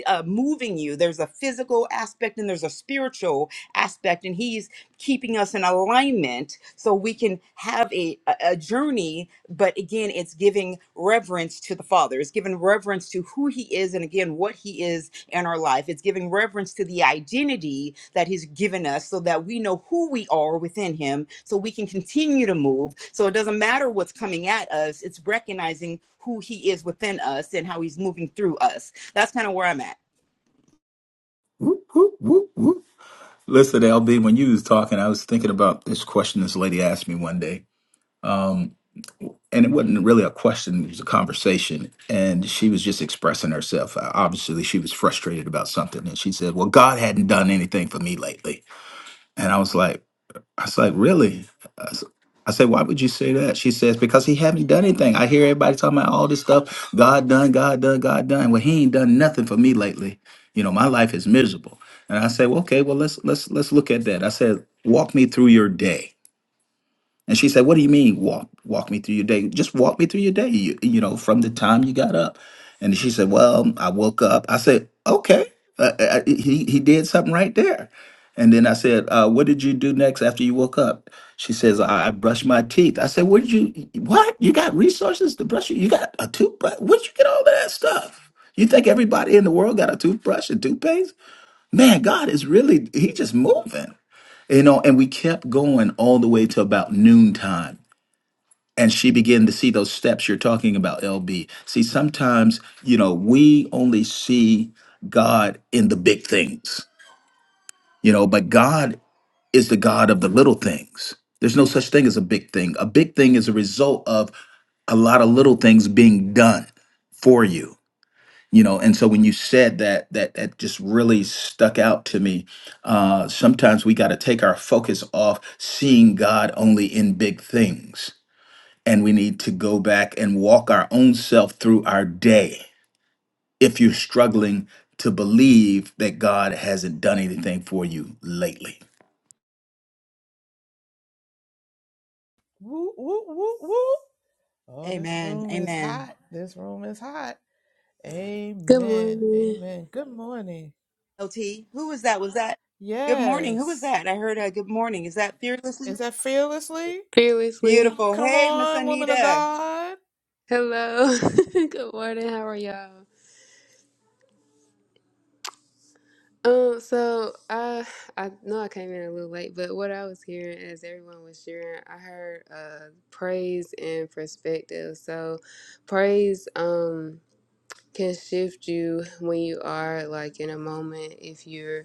[SPEAKER 2] uh, moving you. There's a physical aspect and there's a spiritual aspect and he's keeping us in alignment so we can have a, a a journey but again it's giving reverence to the father it's giving reverence to who he is and again what he is in our life it's giving reverence to the identity that he's given us so that we know who we are within him so we can continue to move so it doesn't matter what's coming at us it's recognizing who he is within us and how he's moving through us that's kind of where i'm at
[SPEAKER 3] Whoop, whoop, whoop, whoop. Listen, LB, when you was talking, I was thinking about this question this lady asked me one day. Um, and it wasn't really a question, it was a conversation. And she was just expressing herself. Uh, Obviously, she was frustrated about something. And she said, Well, God hadn't done anything for me lately. And I was like, I was like, really? I said, said, why would you say that? She says, because he haven't done anything. I hear everybody talking about all this stuff. God done, God done, God done. Well, he ain't done nothing for me lately. You know, my life is miserable. And I said, well, okay, well, let's let's let's look at that. I said, walk me through your day. And she said, "What do you mean walk walk me through your day? Just walk me through your day. You, you know, from the time you got up." And she said, "Well, I woke up." I said, "Okay, uh, uh, uh, he he did something right there." And then I said, uh, "What did you do next after you woke up?" She says, "I, I brushed my teeth." I said, "What did you? What you got resources to brush? You, you got a toothbrush? Where'd you get all of that stuff?" You think everybody in the world got a toothbrush and toothpaste? Man, God is really, He just moving. You know, and we kept going all the way to about noontime and she began to see those steps you're talking about lb see sometimes you know we only see god in the big things you know but god is the god of the little things there's no such thing as a big thing a big thing is a result of a lot of little things being done for you you know and so when you said that that that just really stuck out to me uh sometimes we got to take our focus off seeing god only in big things and we need to go back and walk our own self through our day. If you're struggling to believe that God hasn't done anything for you lately,
[SPEAKER 1] Woo, woo, woo, woo. Oh, this
[SPEAKER 2] amen
[SPEAKER 1] room is
[SPEAKER 2] amen
[SPEAKER 1] hot. This room is hot.
[SPEAKER 10] Good
[SPEAKER 1] Amen.
[SPEAKER 10] morning.
[SPEAKER 1] Amen. Good morning.
[SPEAKER 2] LT. Who was that? Was that good morning? Who was
[SPEAKER 1] Yes.
[SPEAKER 2] that? I heard a good morning. Is that fearlessly
[SPEAKER 1] Is that fearlessly?
[SPEAKER 10] Fearlessly.
[SPEAKER 2] beautiful?
[SPEAKER 1] Come
[SPEAKER 2] Hey, Miss
[SPEAKER 1] on, woman of
[SPEAKER 2] Anita.
[SPEAKER 1] God.
[SPEAKER 10] Hello. Good morning. How are y'all? Um, so I I know I came in a little late, but what I was hearing as everyone was sharing, I heard uh praise and perspective. So praise um can shift you when you are like in a moment if you're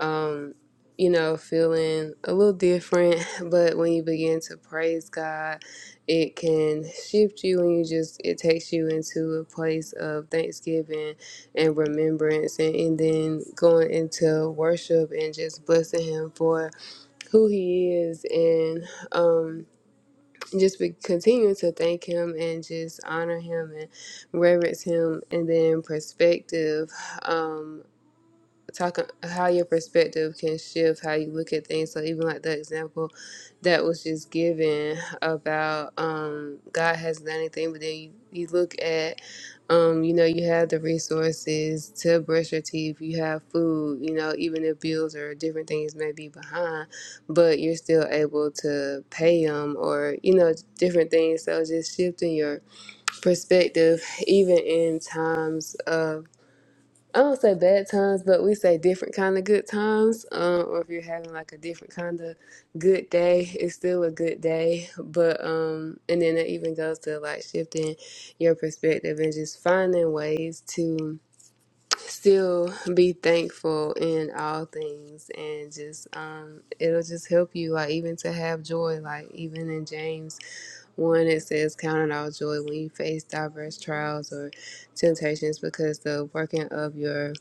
[SPEAKER 10] um, you know, feeling a little different. But when you begin to praise God, it can shift you and you just, it takes you into a place of thanksgiving and remembrance and, and then going into worship and just blessing Him for who He is and um, just be, continuing to thank Him and just honor Him and reverence Him and then perspective. um talking how your perspective can shift how you look at things so even like the example that was just given about um god hasn't done anything but then you, you look at um you know you have the resources to brush your teeth you have food you know even if bills or different things may be behind but you're still able to pay them or you know different things so just shifting your perspective even in times of I don't say bad times, but we say different kind of good times. Um, or if you're having like a different kind of good day, it's still a good day. But um, and then it even goes to like shifting your perspective and just finding ways to still be thankful in all things, and just um, it'll just help you like even to have joy. Like even in James one, it says, "Count it all joy when you face diverse trials or temptations, because the working of your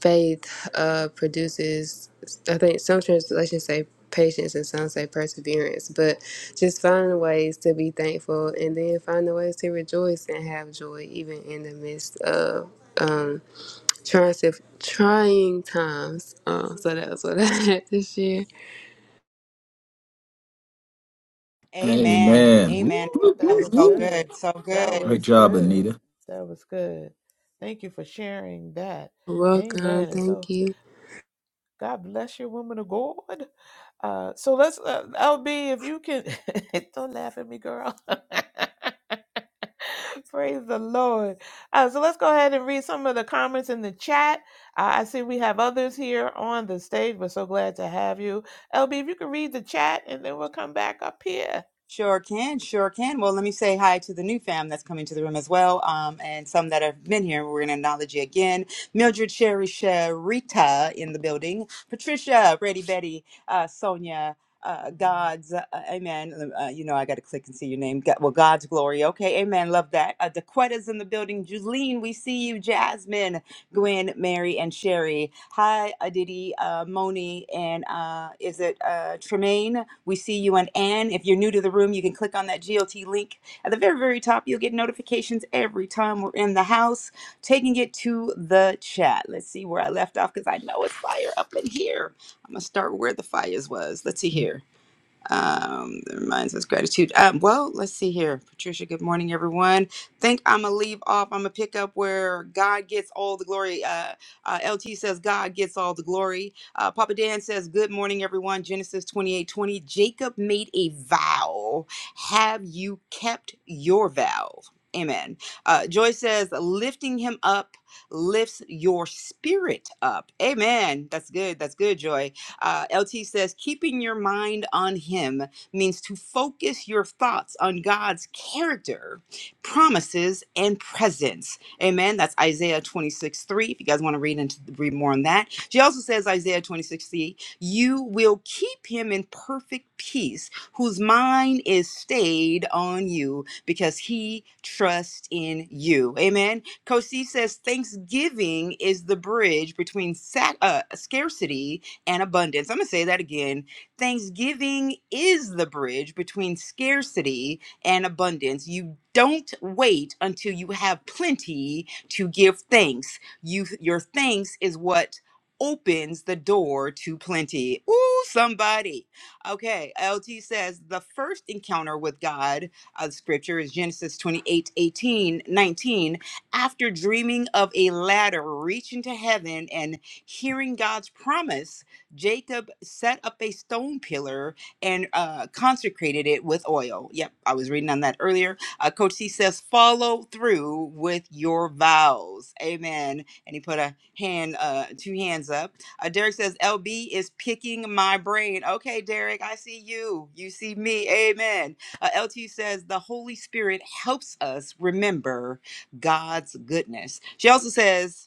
[SPEAKER 10] Faith uh, produces, I think some translations say patience and some say perseverance, but just finding ways to be thankful and then finding ways to rejoice and have joy even in the midst of um, trying, trying times. Um, so that was what I had to share.
[SPEAKER 2] Amen.
[SPEAKER 1] Ooh,
[SPEAKER 3] Amen.
[SPEAKER 2] Amen.
[SPEAKER 1] ooh,
[SPEAKER 3] Woo, woo,
[SPEAKER 2] That
[SPEAKER 1] that
[SPEAKER 3] woo,
[SPEAKER 2] was
[SPEAKER 1] was
[SPEAKER 2] so
[SPEAKER 3] woo.
[SPEAKER 1] good.
[SPEAKER 2] good. So
[SPEAKER 1] That
[SPEAKER 2] good.
[SPEAKER 3] Great
[SPEAKER 1] was
[SPEAKER 3] job,
[SPEAKER 1] good.
[SPEAKER 3] Anita.
[SPEAKER 1] That was good. Thank you for sharing that.
[SPEAKER 10] Welcome.
[SPEAKER 1] Amen. And so,
[SPEAKER 10] Thank you.
[SPEAKER 1] God bless you, woman of God. Uh, so let's, uh, LB, if you can, don't laugh at me, girl. Praise the Lord. Uh, so let's go ahead and read some of the comments in the chat. Uh, I see we have others here on the stage. We're so glad to have you. LB, if you can read the chat and then we'll come back up here.
[SPEAKER 2] Sure can, sure can. Well, let me say hi to the new fam that's coming to the room as well, um, and some that have been here. We're going to acknowledge you again. Mildred Sherry Sharita in the building. Patricia, Brady Betty, uh, Sonia, uh, God's, uh, amen. Uh, you know, I got to click and see your name. God, well, God's glory. Okay, amen. Love that. Uh, Daquetta's in the building. Juline, we see you. Jasmine. Gwen, Mary, and Sherry. Hi, Aditi, uh, Moni, and uh, is it uh, Tremaine? We see you and Ann. If you're new to the room, you can click on that G O T link at the very, very top. You'll get notifications every time we're in the house, taking it to the chat. Let's see where I left off because I know it's fire up in here. I'm going to start where the fires was. Let's see here. Um, that reminds us gratitude. Um, well, let's see here. Patricia, good morning, everyone. Think I'm gonna leave off. I'm gonna pick up where God gets all the glory. Uh, uh, LT says God gets all the glory. Uh, Papa Dan says, Good morning, everyone. Genesis 28 20. Jacob made a vow. Have you kept your vow? Amen. Uh, Joy says, lifting him up lifts your spirit up. Amen. That's good. That's good, Joy. Uh, LT says, keeping your mind on Him means to focus your thoughts on God's character, promises, and presence. Amen. That's Isaiah 26 3. If you guys want to read into read more on that. She also says, Isaiah 26 3, you will keep him in perfect peace, whose mind is stayed on you because he trusts in you. Amen. Kosi says, Thanksgiving is the bridge between sa- uh, scarcity and abundance. I'm going to say that again. Thanksgiving is the bridge between scarcity and abundance. You don't wait until you have plenty to give thanks. You your thanks is what opens the door to plenty. Ooh, somebody. Okay, LT says the first encounter with God of scripture is Genesis 28, 18, 19. After dreaming of a ladder reaching to heaven and hearing God's promise, Jacob set up a stone pillar and uh, consecrated it with oil. Yep, I was reading on that earlier. Uh, Coach C says, follow through with your vows. Amen. And he put a hand, uh, two hands up. Uh, Derek says, LB is picking my brain. Okay, Derek, I see you. You see me. Amen. Uh, LT says, the Holy Spirit helps us remember God's goodness. She also says,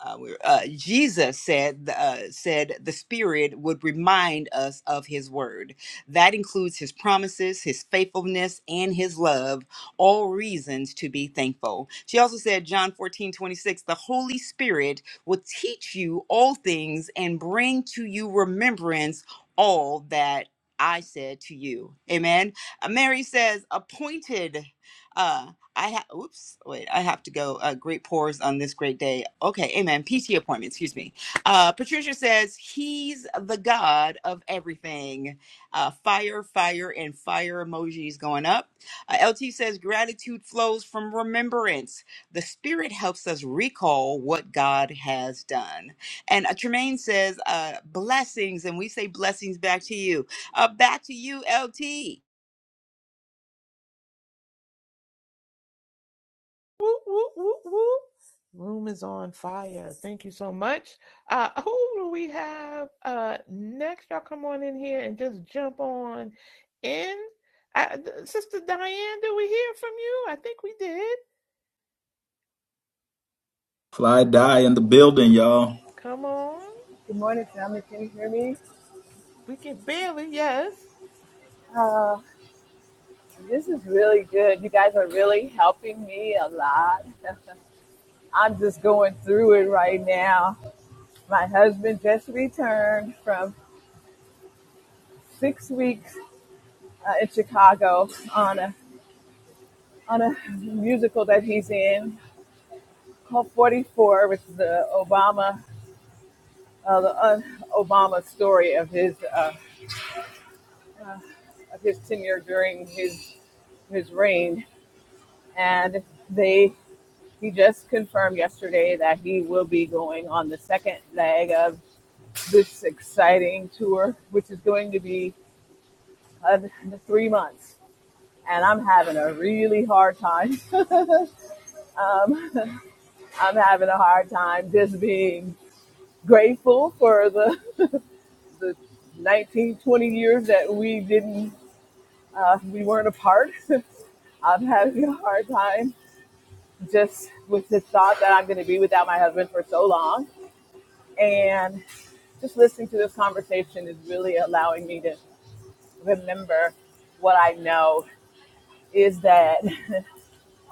[SPEAKER 2] uh, we uh, Jesus said uh, said the Spirit would remind us of His word. That includes His promises, His faithfulness, and His love. All reasons to be thankful. She also said, John 14 26 the Holy Spirit will teach you all things and bring to you remembrance all that I said to you. Amen. Uh, Mary says, appointed. uh, I have, oops, wait, I have to go. Uh, great pores on this great day. Okay, amen. PT appointment, excuse me. Uh, Patricia says, He's the God of everything. Uh, fire, fire, and fire emojis going up. Uh, LT says, Gratitude flows from remembrance. The Spirit helps us recall what God has done. And uh, Tremaine says, uh, Blessings, and we say blessings back to you. Uh, back to you, LT.
[SPEAKER 1] Woo woo woo woo! Room is on fire. Thank you so much. Uh, who do we have uh, next? Y'all come on in here and just jump on in. I, Sister Diane, did we hear from you? I think we did.
[SPEAKER 3] Fly die in the building, y'all.
[SPEAKER 1] Come on.
[SPEAKER 11] Good morning, family. Can you hear me?
[SPEAKER 1] We can barely, yes.
[SPEAKER 11] Uh, this is really good. You guys are really helping me a lot. I'm just going through it right now. My husband just returned from six weeks uh, in Chicago on a on a musical that he's in called 44, which is the Obama uh, the uh, Obama story of his uh, uh, of his tenure during his his reign, and they He just confirmed yesterday that he will be going on the second leg of this exciting tour, which is going to be uh, three months. And I'm having a really hard time. Um, I'm having a hard time just being grateful for the, the 19, 20 years that we didn't, uh, we weren't apart. I'm having a hard time just with the thought that I'm going to be without my husband for so long. And just listening to this conversation is really allowing me to remember what I know is that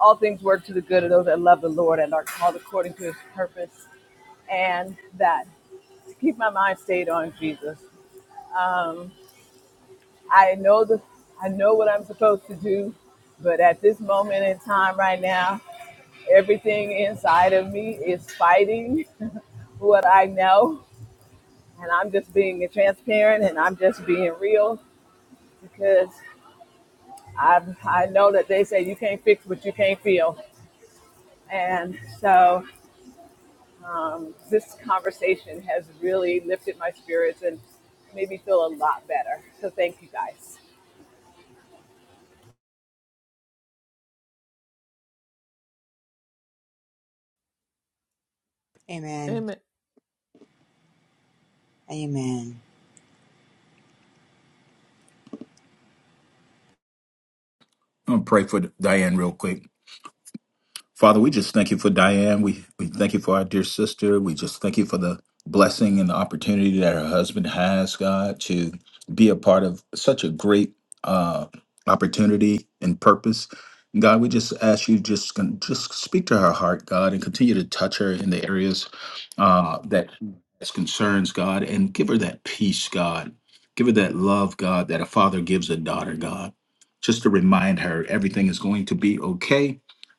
[SPEAKER 11] all things work to the good of those that love the Lord and are called according to his purpose, and that to keep my mind stayed on Jesus. Um, I know the I know what I'm supposed to do, but at this moment in time right now, everything inside of me is fighting what I know, and I'm just being transparent and I'm just being real because I I know that they say you can't fix what you can't feel, and so um, this conversation has really lifted my spirits and made me feel a lot better. So thank you guys.
[SPEAKER 2] Amen.
[SPEAKER 1] Amen.
[SPEAKER 2] Amen.
[SPEAKER 3] I'm gonna pray for Diane real quick. Father, we just thank you for Diane. We, we thank you for our dear sister. We just thank you for the blessing and the opportunity that her husband has, God, to be a part of such a great uh, opportunity and purpose. God, we just ask you just con- just speak to her heart, God, and continue to touch her in the areas uh, that that concerns God, and give her that peace, God. Give her that love, God, that a father gives a daughter, God. Just to remind her everything is going to be okay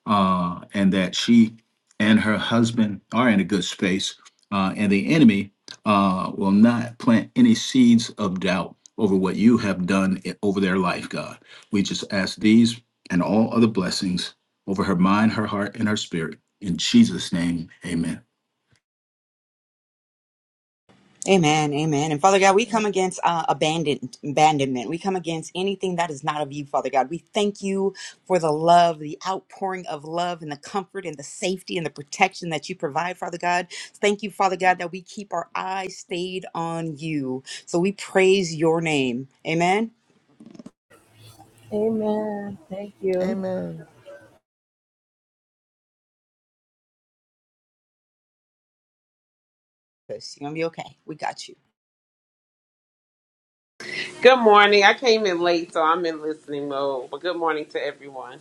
[SPEAKER 3] uh, and that she and her husband are in a good space, uh, and the enemy uh, will not plant any seeds of doubt over what you have done i- over their life, God. We just ask these and all other blessings over her mind, her heart, and her spirit. In Jesus' name, amen.
[SPEAKER 2] Amen, amen. And Father God, we come
[SPEAKER 1] Amen.
[SPEAKER 2] against uh, abandoned, abandonment. We come against anything that is not of you, Father God. We thank you for the love, the outpouring of love, and the comfort and the safety and the protection that you provide, Father God. Thank you, Father God, that we keep our eyes stayed on you. So we praise your name. Amen.
[SPEAKER 11] Amen. Thank you.
[SPEAKER 1] Amen.
[SPEAKER 2] Yes, You're going to be okay. We got you.
[SPEAKER 12] Good morning. I came in late, so I'm in listening mode. But good morning to everyone.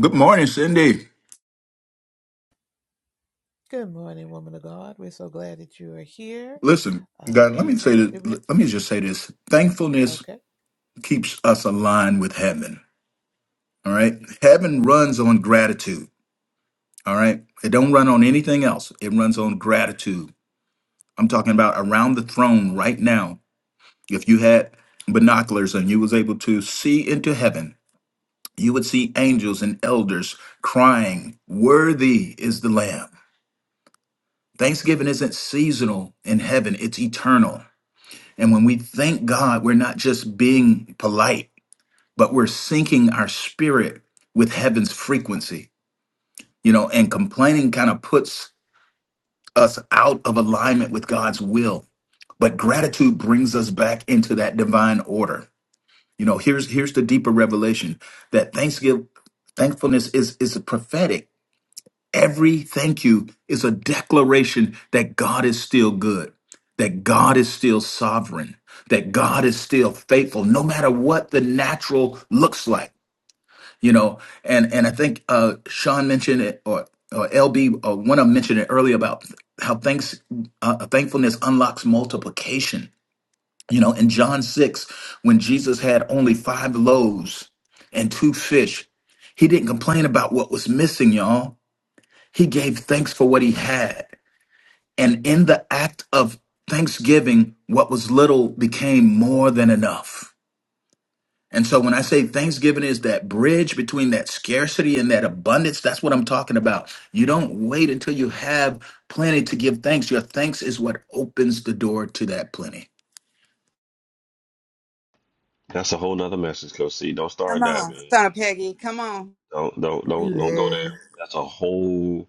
[SPEAKER 3] Good morning, Cindy.
[SPEAKER 1] Good morning, woman of God. We're so glad that you are here.
[SPEAKER 3] Listen,
[SPEAKER 1] Uh,
[SPEAKER 3] God, let me say
[SPEAKER 1] amen. Did we?
[SPEAKER 3] that, let me just say this. Thankfulness
[SPEAKER 1] Okay.
[SPEAKER 3] keeps us aligned with heaven. All right. Heaven runs on gratitude. All right. It don't run on anything else. It runs on gratitude. I'm talking about around the throne right now. If you had binoculars and you was able to see into heaven, you would see angels and elders crying, "Worthy is the Lamb." Thanksgiving isn't seasonal in heaven, it's eternal. And when we thank God, we're not just being polite, but we're syncing our spirit with heaven's frequency. You know, and complaining kind of puts us out of alignment with God's will. But gratitude brings us back into that divine order. You know, here's here's the deeper revelation that thanksgiving thankfulness is is a prophetic. Every thank you is a declaration that God is still good, that God is still sovereign, that God is still faithful, no matter what the natural looks like you know and and i think uh sean mentioned it or or lb or one of them mentioned it earlier about how thanks uh, thankfulness unlocks multiplication you know in john 6 when jesus had only five loaves and two fish he didn't complain about what was missing y'all he gave thanks for what he had and in the act of thanksgiving what was little became more than enough and so when I say Thanksgiving is that bridge between that scarcity and that abundance, that's what I'm talking about. You don't wait until you have plenty to give thanks. Your thanks is what opens the door to that plenty.
[SPEAKER 6] That's a whole nother message, Coach C. Don't
[SPEAKER 2] Come
[SPEAKER 6] start that,
[SPEAKER 2] on,
[SPEAKER 6] man.
[SPEAKER 2] son of Peggy. Come on.
[SPEAKER 6] Don't don't don't don't go down.
[SPEAKER 10] Amen.
[SPEAKER 6] That's a whole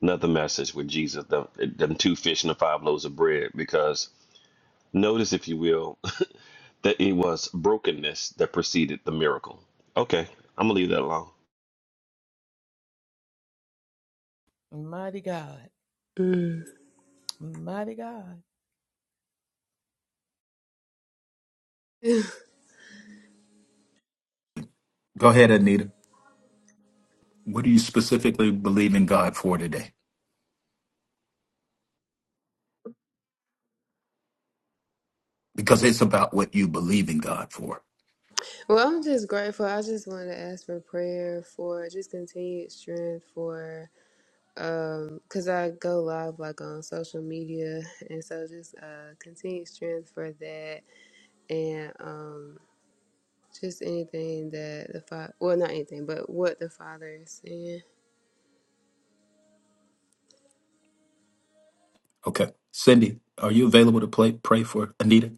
[SPEAKER 6] nother message with Jesus, them, them two fish and the five loaves of bread. Because notice, if you will, that it was brokenness that preceded the miracle. Okay, I'm gonna leave that alone.
[SPEAKER 1] Mighty God,
[SPEAKER 10] Mm.
[SPEAKER 1] mighty God.
[SPEAKER 3] Go ahead, Anita. What do you specifically believe in God for today? Because it's about what you believe in God for.
[SPEAKER 10] Well, I'm just grateful. I just want to ask for prayer for just continued strength for. Um, 'cause I go live like on social media, and so just uh continued strength for that, and um just anything that the father, well, not anything, but what the father is saying.
[SPEAKER 3] Okay. Cindy, are you available to play, pray for Anita?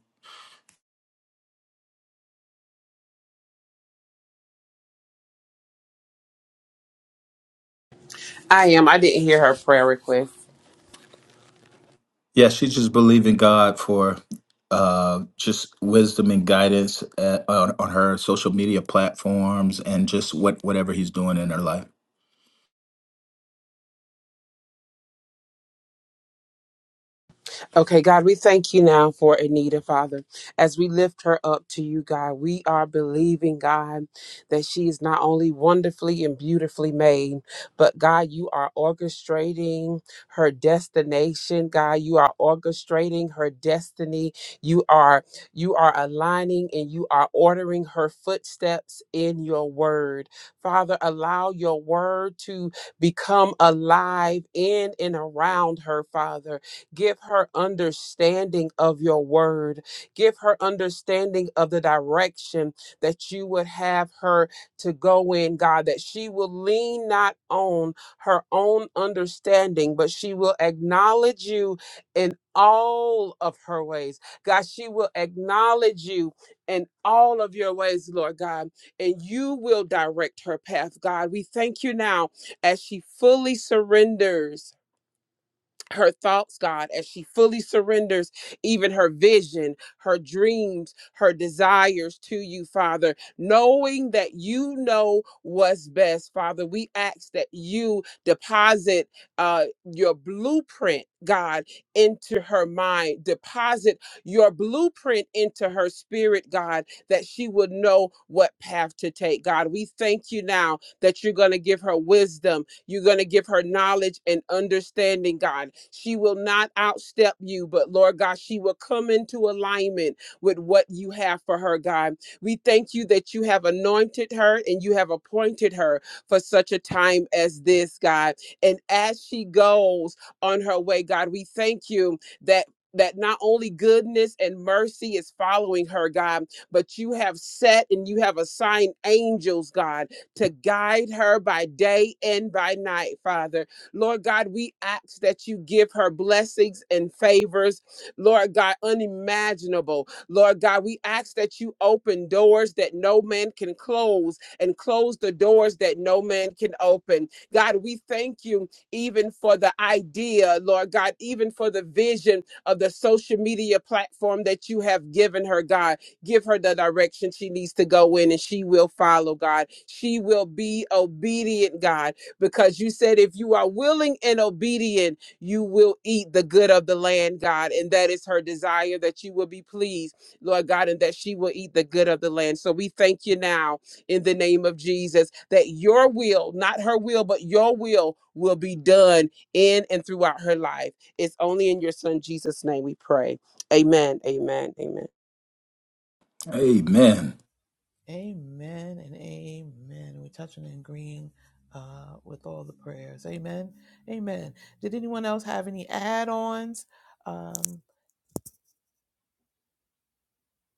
[SPEAKER 12] I am. I didn't hear her prayer request.
[SPEAKER 3] Yeah, she just believed in God for uh, just wisdom and guidance at, on, on her social media platforms and just what whatever he's doing in her life.
[SPEAKER 12] Okay, God, we thank you now for Anita, Father. As we lift her up to you, God, we are believing, God, that she is not only wonderfully and beautifully made, but God, you are orchestrating her destination. God, you are orchestrating her destiny. You are you are aligning and you are ordering her footsteps in your word. Father, allow your word to become alive in and around her, Father Give her understanding of your word. Give her understanding of the direction that you would have her to go in, God, that she will lean not on her own understanding, but she will acknowledge you in all of her ways. God, she will acknowledge you in all of your ways, Lord God, and you will direct her path, God. We thank you now as she fully surrenders her thoughts, God, as she fully surrenders even her vision, her dreams, her desires to you, Father, knowing that you know what's best, Father. We ask that you deposit uh, your blueprint, God, into her mind, deposit your blueprint into her spirit, God, that she would know what path to take, God. We thank you now that you're going to give her wisdom you're going to give her knowledge and understanding, God. She will not outstep you, but Lord God, she will come into alignment with what you have for her, God. We thank you that you have anointed her and you have appointed her for such a time as this, God. And as she goes on her way, God, we thank you that. That not only goodness and mercy is following her, God, but you have set and you have assigned angels, God, to guide her by day and by night, Father. Lord God, we ask that you give her blessings and favors, Lord God, unimaginable. Lord God, we ask that you open doors that no man can close and close the doors that no man can open. God, we thank you even for the idea, Lord God, even for the vision of the social media platform that you have given her, God. Give her the direction she needs to go in and she will follow, God. She will be obedient, God, because you said if you are willing and obedient, you will eat the good of the land, God. And that is her desire that you will be pleased, Lord God, and that she will eat the good of the land. So we thank you now in the name of Jesus that your will, not her will, but your will will be done in and throughout her life. It's only in your son Jesus' name we pray. Amen. Amen. Amen.
[SPEAKER 3] Amen.
[SPEAKER 1] Amen and amen. We're touching and agreeing uh, with all the prayers. Amen. Amen. Did anyone else have any add ons? Um,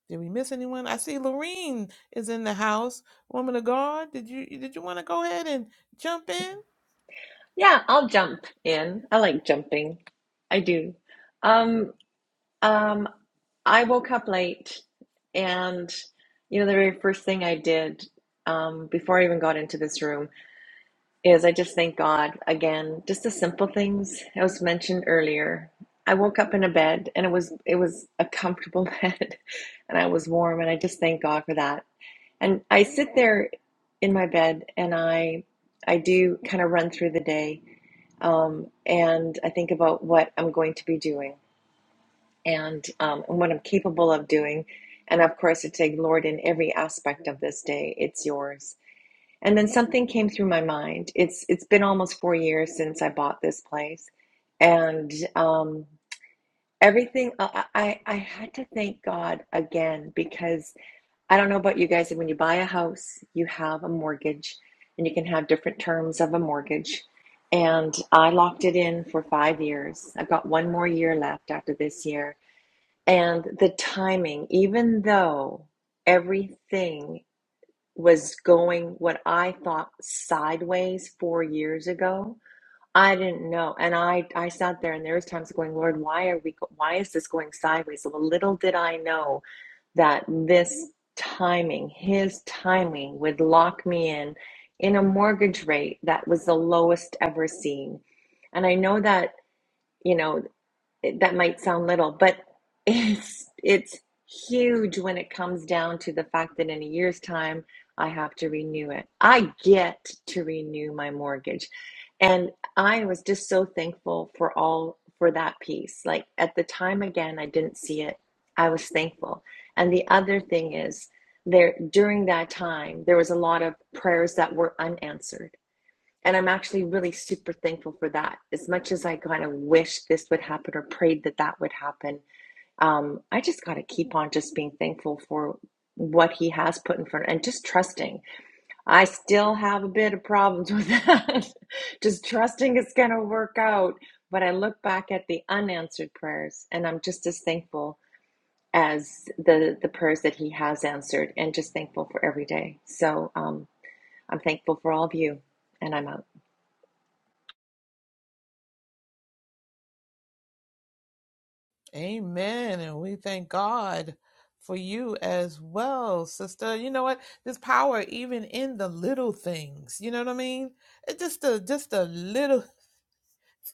[SPEAKER 1] did we miss anyone? I see Lorene is in the house. Woman of God, did you did you want to go ahead and jump in?
[SPEAKER 13] Yeah, I'll jump in. I like jumping. I do. Um, um, I woke up late and you know the very first thing I did um, before I even got into this room is I just thank God again, just the simple things I was mentioned earlier. I woke up in a bed and it was it was a comfortable bed and I was warm and I just thank God for that. And I sit there in my bed and I I do kind of run through the day um, and I think about what I'm going to be doing and, um, and what I'm capable of doing. And of course, it's saying, Lord, in every aspect of this day, it's yours. And then something came through my mind. It's it's been almost four years since I bought this place, and um, everything I, I I had to thank God again because I don't know about you guys, when you buy a house, you have a mortgage and you can have different terms of a mortgage. And I locked it in for five years. I've got one more year left after this year. And the timing, even though everything was going what I thought sideways four years ago, I didn't know. And I I sat there and there was times going, Lord, why are we why is this going sideways? Well, little did I know that this timing, his timing would lock me in in a mortgage rate that was the lowest ever seen. And I know that, you know, that might sound little, but it's it's huge when it comes down to the fact that in a year's time I have to renew it. I get to renew my mortgage. And I was just so thankful for all for that piece. Like at the time again I didn't see it. I was thankful. And the other thing is there during that time there was a lot of prayers that were unanswered and I'm actually really super thankful for that. As much as I kind of wish this would happen or prayed that that would happen, um, I just got to keep on just being thankful for what he has put in front and just trusting. I still have a bit of problems with that. just trusting it's going to work out. But I look back at the unanswered prayers and I'm just as thankful as the, the prayers that he has answered and just thankful for every day. So um, I'm thankful for all of you and I'm out.
[SPEAKER 1] Amen. And we thank God for you as well, sister. You know what? This power even in the little things. You know what I mean? It's just the just the little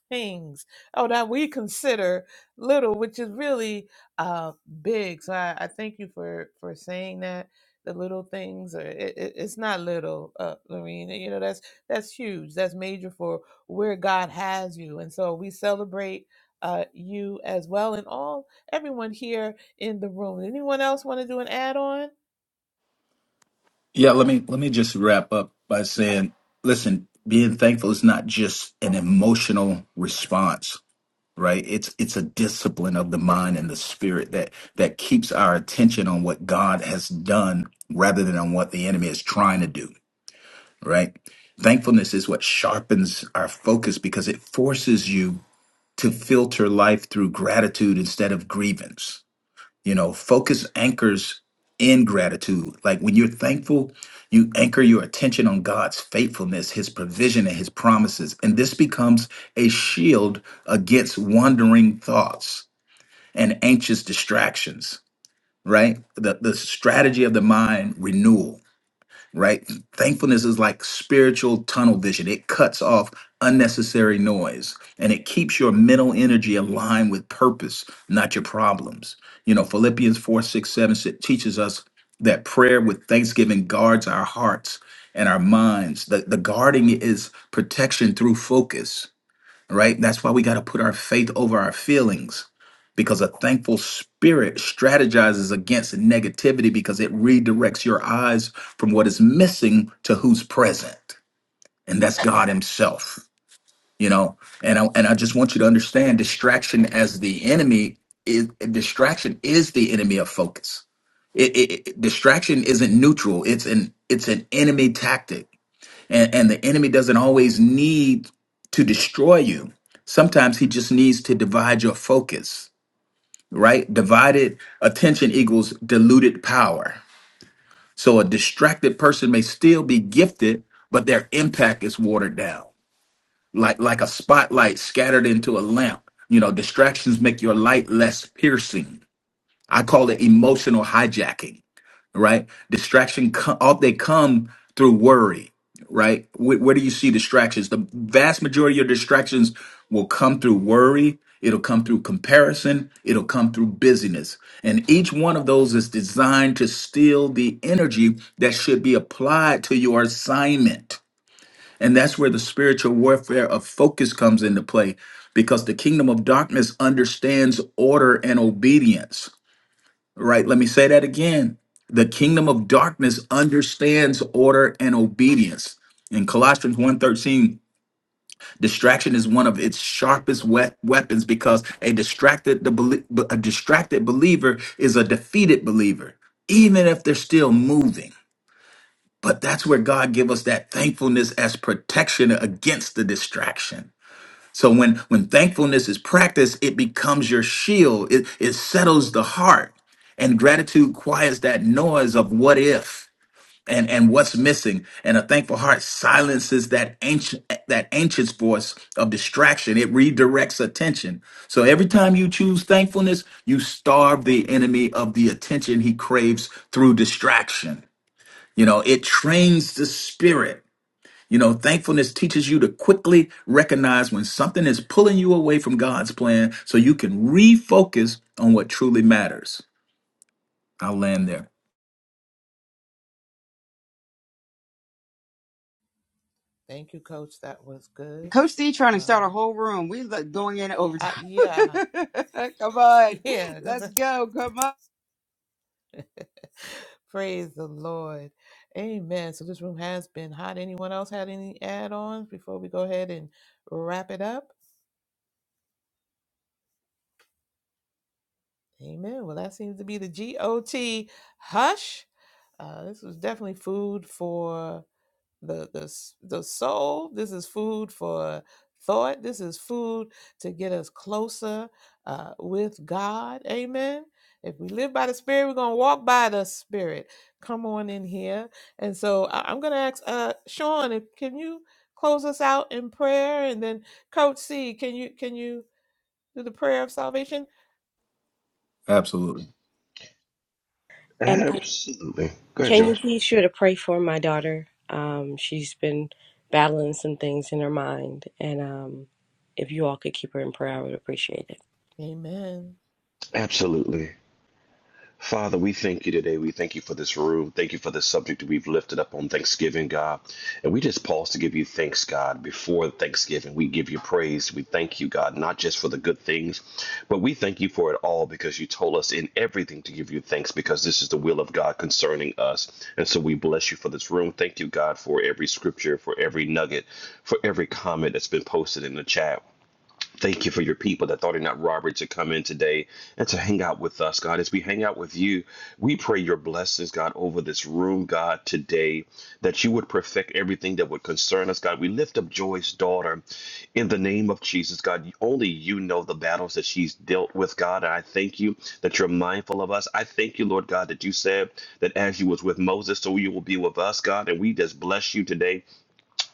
[SPEAKER 1] things oh that we consider little which is really uh big so i, I thank you for for saying that the little things are it, it- it's not little uh lorena you know that's that's huge that's major for where god has you and so we celebrate uh you as well and all everyone here in the room anyone else want to do an add-on
[SPEAKER 3] Yeah, let me let me just wrap up by saying, listen, being thankful is not just an emotional response, right? It's it's a discipline of the mind and the spirit that that keeps our attention on what God has done rather than on what the enemy is trying to do right? Thankfulness is what sharpens our focus because it forces you to filter life through gratitude instead of grievance. You know, focus anchors in gratitude. Like when you're thankful, you anchor your attention on God's faithfulness, His provision, and His promises. And this becomes a shield against wandering thoughts and anxious distractions, right? The, the strategy of the mind renewal right? Thankfulness is like spiritual tunnel vision. It cuts off unnecessary noise and it keeps your mental energy aligned with purpose, not your problems. You know, Philippians 4 6 7 sa- teaches us that prayer with thanksgiving guards our hearts and our minds. The, the guarding is protection through focus right? That's why we got to put our faith over our feelings because a thankful spirit strategizes against negativity because it redirects your eyes from what is missing to who's present. And that's God himself, you know? And I, and I just want you to understand distraction as the enemy is distraction is the enemy of focus. It, it, it- distraction isn't neutral. It's an it's an enemy tactic and, and the enemy doesn't always need to destroy you. Sometimes he just needs to divide your focus, right? Divided attention equals diluted power. So a distracted person may still be gifted, but their impact is watered down, like like a spotlight scattered into a lamp. You know, distractions make your light less piercing. I call it emotional hijacking right? Distraction, co- all they come through worry, right? Where, where do you see distractions? The vast majority of distractions will come through worry. It'll come through comparison. It'll come through busyness. And each one of those is designed to steal the energy that should be applied to your assignment. And that's where the spiritual warfare of focus comes into play because the kingdom of darkness understands order and obedience Right? Let me say that again. The kingdom of darkness understands order and obedience. In Colossians one thirteen, distraction is one of its sharpest we- weapons because a distracted the belie- a distracted believer is a defeated believer, even if they're still moving. But that's where God give us that thankfulness as protection against the distraction. So when when thankfulness is practiced, it becomes your shield. It it settles the heart. And gratitude quiets that noise of what if and, and what's missing. And a thankful heart silences that ancient that anxious voice of distraction. It redirects attention. So every time you choose thankfulness, you starve the enemy of the attention he craves through distraction. You know, it trains the spirit. You know, thankfulness teaches you to quickly recognize when something is pulling you away from God's plan so you can refocus on what truly matters. I'll land there.
[SPEAKER 1] thank you coach that was good
[SPEAKER 2] Coach C trying to start
[SPEAKER 1] uh
[SPEAKER 2] a whole room. We look going in
[SPEAKER 1] I,
[SPEAKER 2] overtime.
[SPEAKER 1] yeah
[SPEAKER 2] come on.
[SPEAKER 1] yeah Because
[SPEAKER 2] Let's go. Come on.
[SPEAKER 1] Praise the Lord. Amen. So this room has been hot. Anyone else had any add-ons before we go ahead and wrap it up? Amen. Well, that seems to be the G-O-T hush. Uh, this was definitely food for the the s- the soul. This is food for thought. This is food to get us closer uh, with God. Amen. If we live by the Spirit, we're gonna walk by the Spirit. Come on in here. And so I, am gonna ask uh, Sean, if, can you close us out in prayer, and then Coach C, can you can you do the prayer of salvation?
[SPEAKER 3] Absolutely.
[SPEAKER 6] Absolutely. Go ahead, George.
[SPEAKER 1] Amen.
[SPEAKER 6] Absolutely. Father, we thank you today. We thank you for this room. Thank you for this subject that we've lifted up on Thanksgiving, God. And we just pause to give you thanks, God, before Thanksgiving. We give you praise. We thank you, God, not just for the good things, but we thank you for it all because you told us in everything to give you thanks because this is the will of God concerning us. And so we bless you for this room. Thank you, God, for every scripture, for every nugget, for every comment that's been posted in the chat. Thank you for your people that thought it not robbery to come in today and to hang out with us, God. As we hang out with you, we pray your blessings, God, over this room, God, today, that you would perfect everything that would concern us, God. We lift up Joy's daughter in the name of Jesus, God. Only you know the battles that she's dealt with, God. And I thank you that you're mindful of us. I thank you, Lord God, that you said that as you was with Moses, so you will be with us, God. And we just bless you today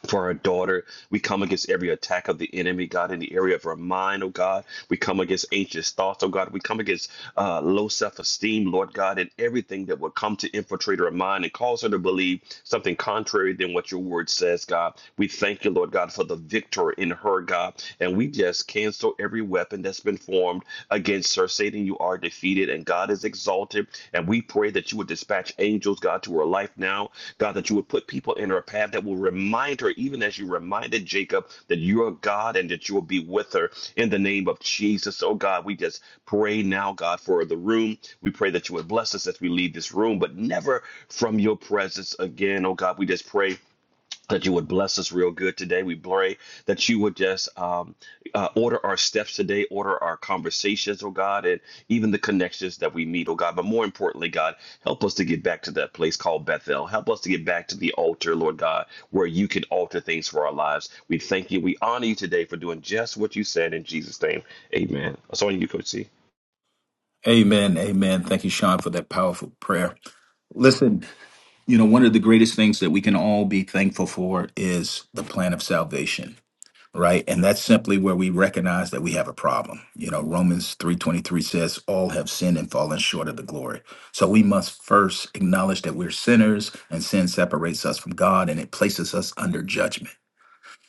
[SPEAKER 6] for our daughter. We come against every attack of the enemy, God, in the area of her mind, oh God. We come against anxious thoughts, oh God. We come against uh, low self esteem, Lord God, and everything that would come to infiltrate her mind and cause her to believe something contrary than what your word says, God. We thank you, Lord God, for the victor in her, God. And we just cancel every weapon that's been formed against her, Satan defeated and you are defeated, and God is exalted. And we pray that you would dispatch angels, God, to her life now. God, that you would put people in her path that will remind her, even as you reminded Jacob, that you are God and that you will be with her in the name of Jesus. Oh, God, we just pray now, God, for the room. We pray that you would bless us as we leave this room, but never from your presence again. Oh, God, we just pray that you would bless us real good today. We pray that you would just um, uh, order our steps today, order our conversations, oh God, and even the connections that we meet, oh God. But more importantly, God, help us to get back to that place called Bethel. Help us to get back to the altar, Lord God, where you can alter things for our lives. We thank you. We honor you today for doing just what you said in Jesus' name. Amen. That's on you, Coach C.
[SPEAKER 3] Amen. Amen. Thank you, Sean, for that powerful prayer. Listen, you know, one of the greatest things that we can all be thankful for is the plan of salvation. right and that's simply where we recognize that we have a problem you know romans 3.23 says all have sinned and fallen short of the glory so we must first acknowledge that we're sinners and sin separates us from god and it places us under judgment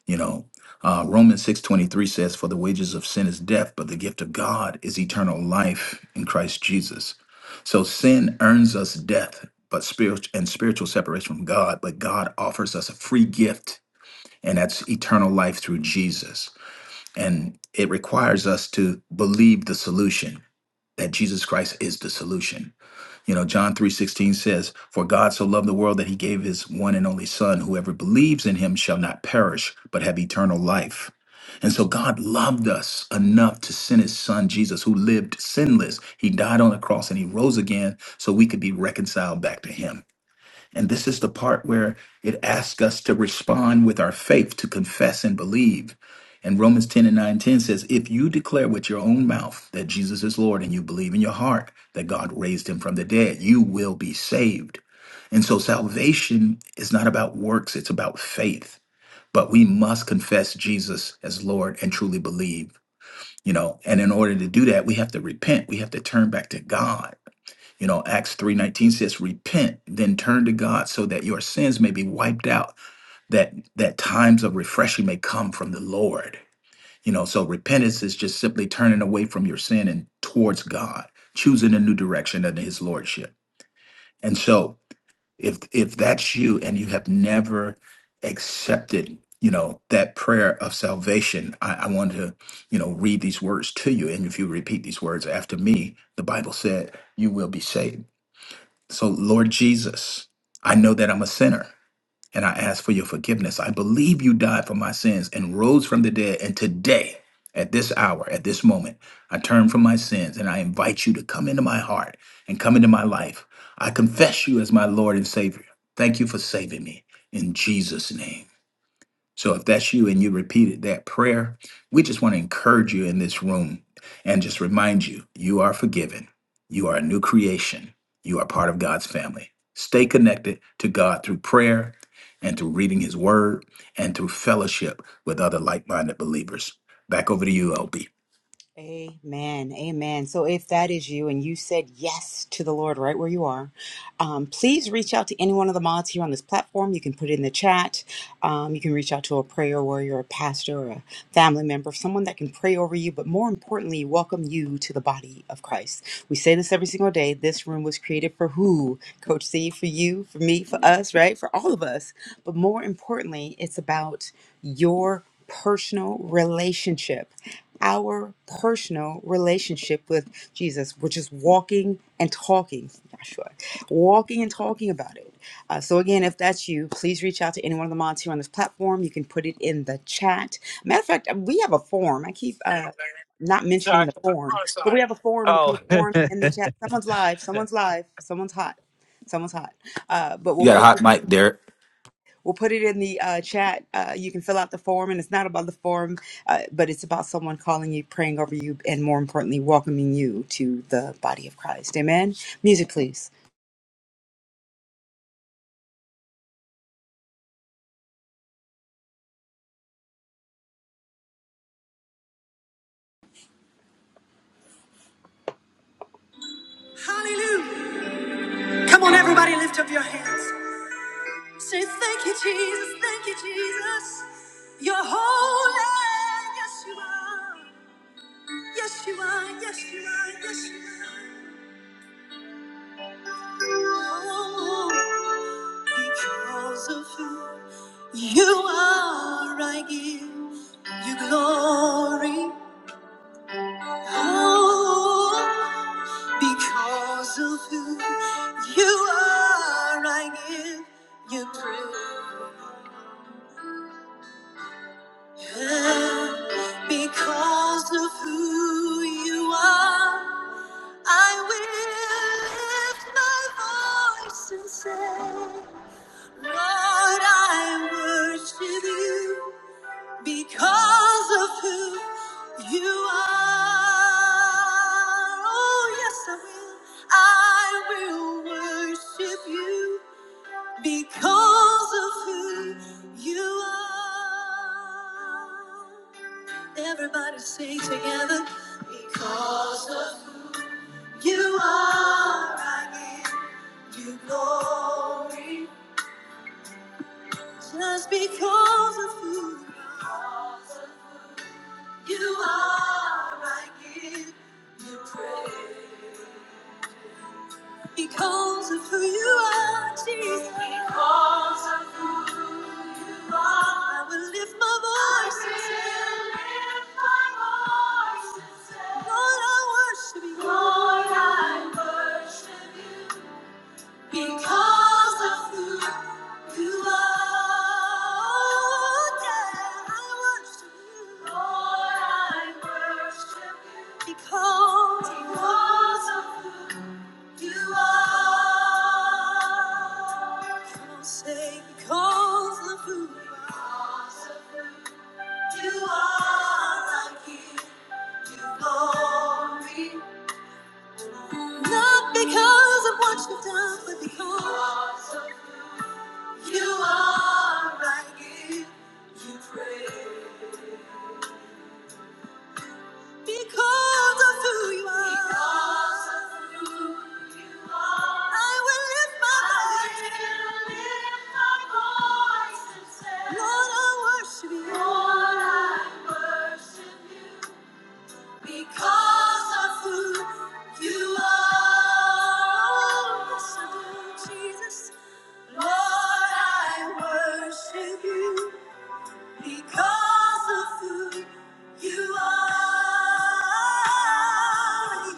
[SPEAKER 3] you know uh, romans 6.23 says for the wages of sin is death but the gift of god is eternal life in christ jesus so sin earns us death but spirit and spiritual separation from god but god offers us a free gift and that's eternal life through jesus and it requires us to believe the solution that Jesus Christ is the solution. You know, John 3:16 says, "For God so loved the world that he gave his one and only son, whoever believes in him shall not perish, but have eternal life." And so God loved us enough to send his son Jesus who lived sinless. He died on the cross and he rose again so we could be reconciled back to him. And this is the part where it asks us to respond with our faith, to confess and believe. And Romans 10 and 9 10 says, If you declare with your own mouth that Jesus is Lord and you believe in your heart that God raised him from the dead, you will be saved. And so salvation is not about works, it's about faith. But we must confess Jesus as Lord and truly believe, you know. And in order to do that, we have to repent, we have to turn back to God you know, Acts 3:19 says, repent, then turn to God so that your sins may be wiped out, that that times of refreshing may come from the Lord. You know, so repentance is just simply turning away from your sin and towards God, choosing a new direction under his lordship. And so if if that's you and you have never accepted, you know, that prayer of salvation, I, I want to, you know, read these words to you. And if you repeat these words after me, the Bible said you will be saved. So, Lord Jesus, I know that I'm a sinner and I ask for your forgiveness. I believe you died for my sins and rose from the dead. And today, at this hour, at this moment, I turn from my sins and I invite you to come into my heart and come into my life. I confess you as my Lord and Savior. Thank you for saving me in Jesus' name. So if that's you and you repeated that prayer, we just want to encourage you in this room and just remind you you are forgiven. You are a new creation. You are part of God's family. Stay connected to God through prayer and through reading his word and through fellowship with other like minded believers. Back over to you, LB.
[SPEAKER 2] Amen. Amen. So if that is you and you said yes to the Lord right where you are, um, please reach out to any one of the mods here on this platform. You can put it in the chat. Um, you can reach out to a prayer warrior, a pastor, or a family member, someone that can pray over you, but more importantly, welcome you to the body of Christ. We say this every single day. This room was created for who? Coach C, for you, for me, for us, right? For all of us. But more importantly, it's about your personal relationship our personal relationship with Jesus, which is walking and talking, Joshua, walking and talking about it. Uh, so, again, if that's you, please reach out to any one of the mods here on this platform. You can put it in the chat. Matter of fact, we have a form. I keep uh, not mentioning
[SPEAKER 7] Sorry.
[SPEAKER 2] the form, but we have a form. We'll
[SPEAKER 7] Oh,
[SPEAKER 2] put a form in the chat. Someone's live, someone's live, someone's hot. Someone's hot, uh, but
[SPEAKER 3] You
[SPEAKER 2] we'll
[SPEAKER 3] got a
[SPEAKER 2] put
[SPEAKER 3] hot mic, Derek.
[SPEAKER 2] We'll put it in the uh, chat. Uh, you can fill out the form, and it's not about the form, uh, but it's about someone calling you, praying over you, and more importantly, welcoming you to the body of Christ. Amen. Music, please.
[SPEAKER 1] Hallelujah. Come on, everybody, lift up your hands. Say thank you, Jesus, thank you, Jesus. You're holy, yes you are. Yes you are, yes you are, yes you are. Oh, because of who you are, I give you glory. Oh, because of who you are, I give you praise. Because of who you are, I will lift my voice and say, Lord, I worship you because of who you are. Oh, yes, I will. I will worship you because of who you are. Everybody sing together because of who you are I give you glory just because of who you are I give you praise because of who you are Jesus because of all I will lift my voice and say Lord I worship you Lord I worship. Because of who you are, yeah, I worship you. Lord, I worship you. Because, because of who you are. Come on, say, because of who Because of you are, like you. you glory. Not because of what you've done, but because. You are I give you praise. Because of who you are. Because of who you are. I will lift my I voice. I will lift my voice and say, Lord, I worship you. Lord, I worship you. Because of who you are. Yes, I do, Jesus. Lord, I worship you. Because of who you are,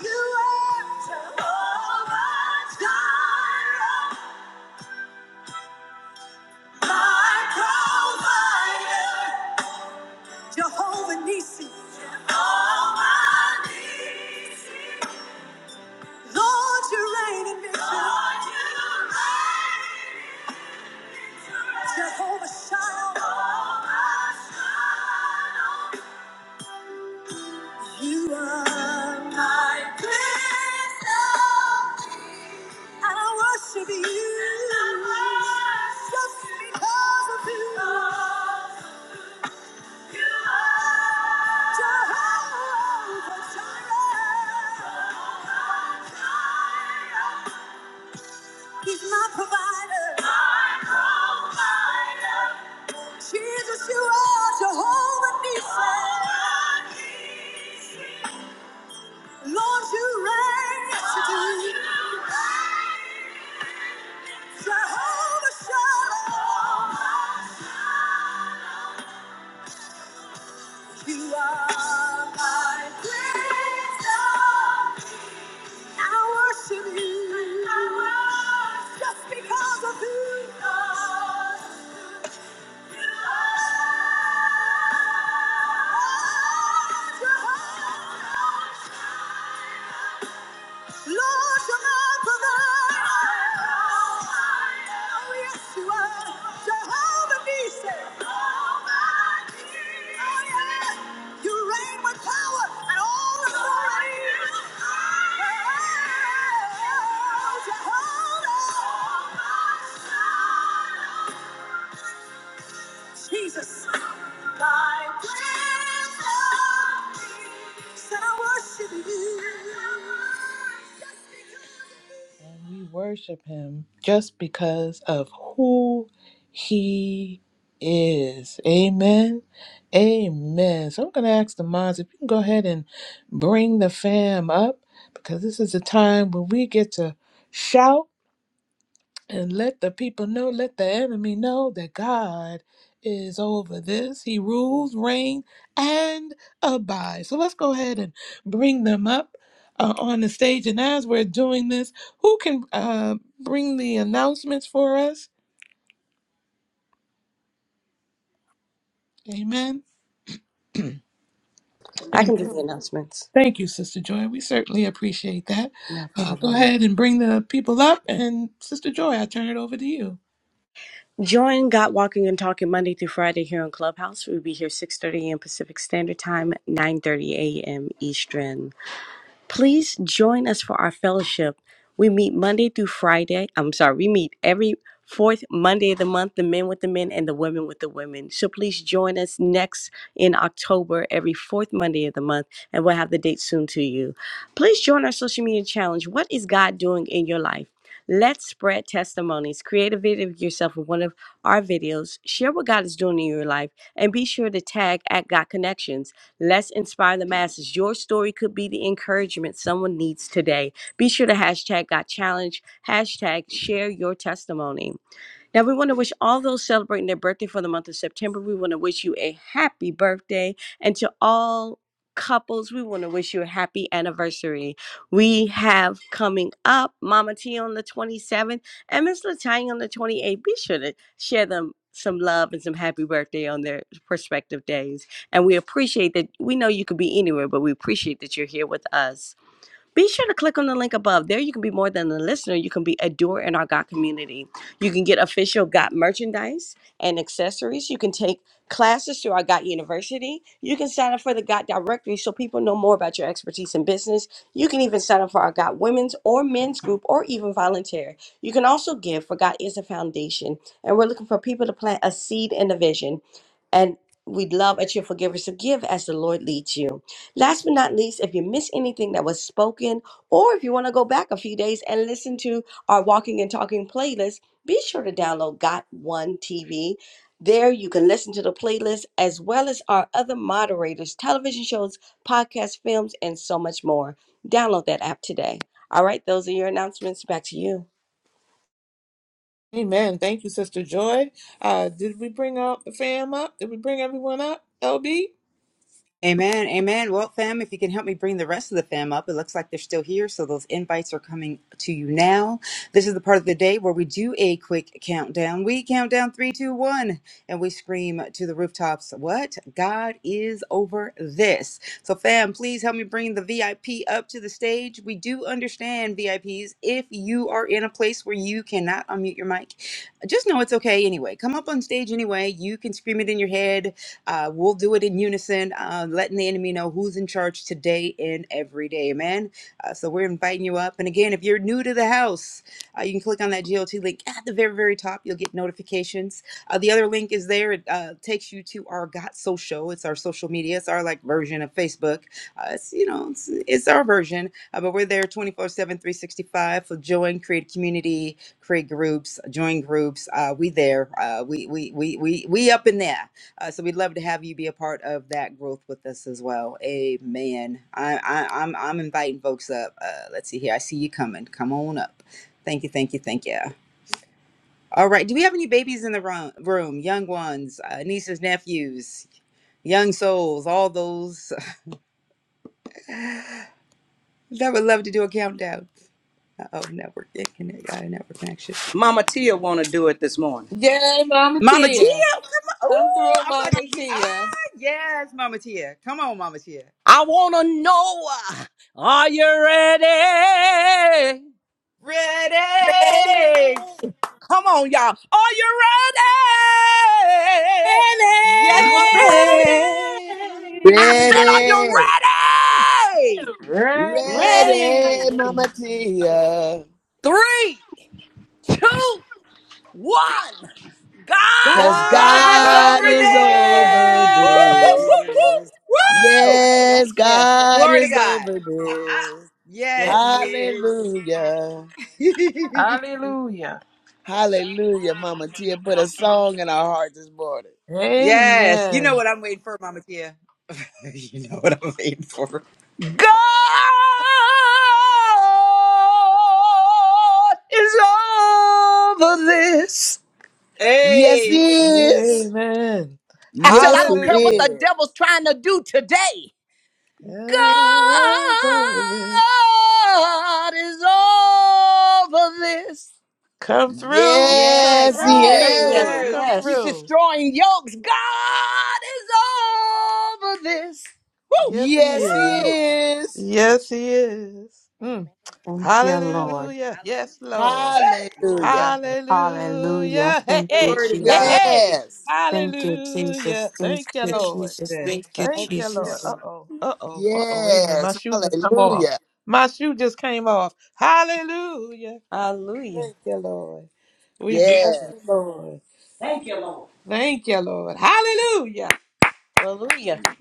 [SPEAKER 1] you are Jehovah Jireh, my provider, Jehovah Nissi, Jehovah Nissi. Lord, you reign in victory. Lord, you reign in victory. Jehovah Shalom. Jehovah Shalom. You are my crystal. I worship you. Just because of you. You are Jehovah Jireh. He's my provider. Jesus, you are Jehovah Nissi. Lord, you reign. Yes, you do. Jehovah Shalom. You are my wisdom. I worship you. Just because of who you are. You are Jehovah. Lord shall not Oh, yes, you are. Jehovah Nissi. Jehovah Oh, yeah. You reign with power and all authority. Oh, Jehovah. Jesus, thy praise, Lord, said I worship you. And we worship him just because of who he is. Amen. Amen. So I'm going to ask the mods if you can go ahead and bring the fam up because this is the time when we get to shout and let the people know, let the enemy know that God is over this. He rules, reigns, and abides. So let's go ahead and bring them up uh, on the stage. And as we're doing this, who can uh, bring the announcements for us? Amen. Amen. Thank you, Sister Joy. We certainly appreciate that. Uh, go ahead and bring the people up. And Sister Joy, I turn it over to you. Amen. Thank you, Sister Joy. Uh, did we bring up the fam up? Did we bring everyone up? LB?
[SPEAKER 2] Amen, amen. Well, fam, if you can help me bring the rest of the fam up, it looks like they're still here, so those invites are coming to you now. This is the part of the day where we do a quick countdown. We count down three, two, one, and we scream to the rooftops, What? God is over this. So, fam, please help me bring the VIP up to the stage. We do understand VIPs. If you are in a place where you cannot unmute your mic, just know it's okay anyway. Come up on stage anyway. You can scream it in your head uh, we'll do it in unison, uh, letting the enemy know who's in charge today and every day. Amen. Uh, so we're inviting you up. And again, if you're new to the house, uh, you can click on that GOT link at the very, very top. You'll get notifications. Uh, the other link is there. It uh, takes you to our Got Social. It's our social media. It's our like version of Facebook. Uh, it's you know, it's, it's our version, uh, but we're there 24/7, 365 for join, create a community, create groups, join groups. Uh, we there. Uh, we we we we we up in there. Uh, so we'd love to have you be a part of that growth with us as well. Amen. I, I, I'm I'm inviting folks up. Uh, let's see here. I see you coming. Come on up. Thank you. Thank you. Thank you. All right. Do we have any babies in the room? Room, young ones, uh, nieces, nephews, young souls, all those that would love to do a countdown. Oh, network yeah, connect, uh, network connection.
[SPEAKER 14] Mama Tia want to do it this morning.
[SPEAKER 1] Yay, Mama
[SPEAKER 2] Mama Tia,
[SPEAKER 1] Tia.
[SPEAKER 2] come on.
[SPEAKER 1] Come
[SPEAKER 2] Ooh,
[SPEAKER 1] through,
[SPEAKER 2] I'm about
[SPEAKER 1] Mama
[SPEAKER 2] to hear. Ah,
[SPEAKER 1] Tia.
[SPEAKER 2] yes, Mama Tia. Come on, Mama Tia.
[SPEAKER 14] I want to know, uh, are you ready?
[SPEAKER 5] Ready,
[SPEAKER 2] Ready.
[SPEAKER 14] Come on, y'all. Are you ready?
[SPEAKER 1] Ready.
[SPEAKER 2] Yes, we're
[SPEAKER 5] ready,
[SPEAKER 2] ready.
[SPEAKER 14] I said, are you
[SPEAKER 15] Ready,
[SPEAKER 14] ready?
[SPEAKER 16] Ready?
[SPEAKER 15] ready,
[SPEAKER 1] Ready.
[SPEAKER 5] ready.
[SPEAKER 15] Mama Tia,
[SPEAKER 14] Three, two, one. God's
[SPEAKER 15] 'cause
[SPEAKER 1] God's
[SPEAKER 5] God's
[SPEAKER 14] over.
[SPEAKER 2] God's over
[SPEAKER 15] God
[SPEAKER 1] over
[SPEAKER 15] is
[SPEAKER 5] over
[SPEAKER 15] over
[SPEAKER 5] this.
[SPEAKER 1] there.
[SPEAKER 14] Whoop, whoop,
[SPEAKER 2] this.
[SPEAKER 5] Woo-hoo-hoo.
[SPEAKER 14] whoop,
[SPEAKER 15] this.
[SPEAKER 14] whoop.
[SPEAKER 2] Woo!
[SPEAKER 5] Yes, yes,
[SPEAKER 15] Yes,
[SPEAKER 5] yes,
[SPEAKER 15] God
[SPEAKER 2] Glory to
[SPEAKER 15] is
[SPEAKER 2] God.
[SPEAKER 15] over this.
[SPEAKER 2] Yes, He
[SPEAKER 5] yes.
[SPEAKER 2] is.
[SPEAKER 15] Hallelujah.
[SPEAKER 16] Hallelujah.
[SPEAKER 15] Hallelujah, Mama Tia put a song in our heart this morning.
[SPEAKER 2] yes, you know
[SPEAKER 1] Amen.
[SPEAKER 2] what I'm waiting for, Mama Tia. You know what I'm waiting for.
[SPEAKER 14] God is over this.
[SPEAKER 15] Yes, He
[SPEAKER 2] Hey,
[SPEAKER 15] is.
[SPEAKER 1] Amen.
[SPEAKER 14] I said, I
[SPEAKER 15] Yes, He
[SPEAKER 14] don't care what the
[SPEAKER 1] Hallelujah.
[SPEAKER 15] is.
[SPEAKER 14] devil's trying to do today.
[SPEAKER 1] God's over there.
[SPEAKER 14] God is over this.
[SPEAKER 1] Come through, come
[SPEAKER 5] Yes,
[SPEAKER 15] Yes, He
[SPEAKER 1] through,
[SPEAKER 5] yes,
[SPEAKER 1] come
[SPEAKER 14] Hey,
[SPEAKER 5] yes,
[SPEAKER 1] through,
[SPEAKER 15] is.
[SPEAKER 1] come
[SPEAKER 2] yes.
[SPEAKER 14] he's
[SPEAKER 5] yes.
[SPEAKER 1] through.
[SPEAKER 14] destroying yokes. God is over this. Woo!
[SPEAKER 1] Yes, he
[SPEAKER 2] Woo!
[SPEAKER 15] Yes, He
[SPEAKER 1] is.
[SPEAKER 15] is.
[SPEAKER 1] Yes, he is. Mm.
[SPEAKER 5] Thank you, Lord.
[SPEAKER 1] Hallelujah. Yes, Lord.
[SPEAKER 2] Glory to
[SPEAKER 15] Hallelujah.
[SPEAKER 2] God.
[SPEAKER 5] Hallelujah.
[SPEAKER 1] Hallelujah. Hey,
[SPEAKER 5] Thank you,
[SPEAKER 14] Amen.
[SPEAKER 1] hey,
[SPEAKER 2] Glory to
[SPEAKER 1] hey,
[SPEAKER 5] Jesus.
[SPEAKER 2] God.
[SPEAKER 1] hey.
[SPEAKER 15] Yes.
[SPEAKER 5] Thank you, Jesus.
[SPEAKER 1] Hallelujah.
[SPEAKER 5] Thank
[SPEAKER 1] Thank you,
[SPEAKER 5] you,
[SPEAKER 2] Thank you,
[SPEAKER 1] Lord.
[SPEAKER 5] Jesus.
[SPEAKER 2] Jesus.
[SPEAKER 5] Thank you,
[SPEAKER 1] Thank you, Lord.
[SPEAKER 5] Jesus.
[SPEAKER 1] Uh oh, uh oh, uh oh. Wait a minute. My
[SPEAKER 15] Yes.
[SPEAKER 1] shoe just come off.
[SPEAKER 15] Hallelujah.
[SPEAKER 1] My shoe just came off. Hallelujah. Thank you, Lord. We bless the
[SPEAKER 15] Yes.
[SPEAKER 1] Lord. Thank you, Lord. Hallelujah.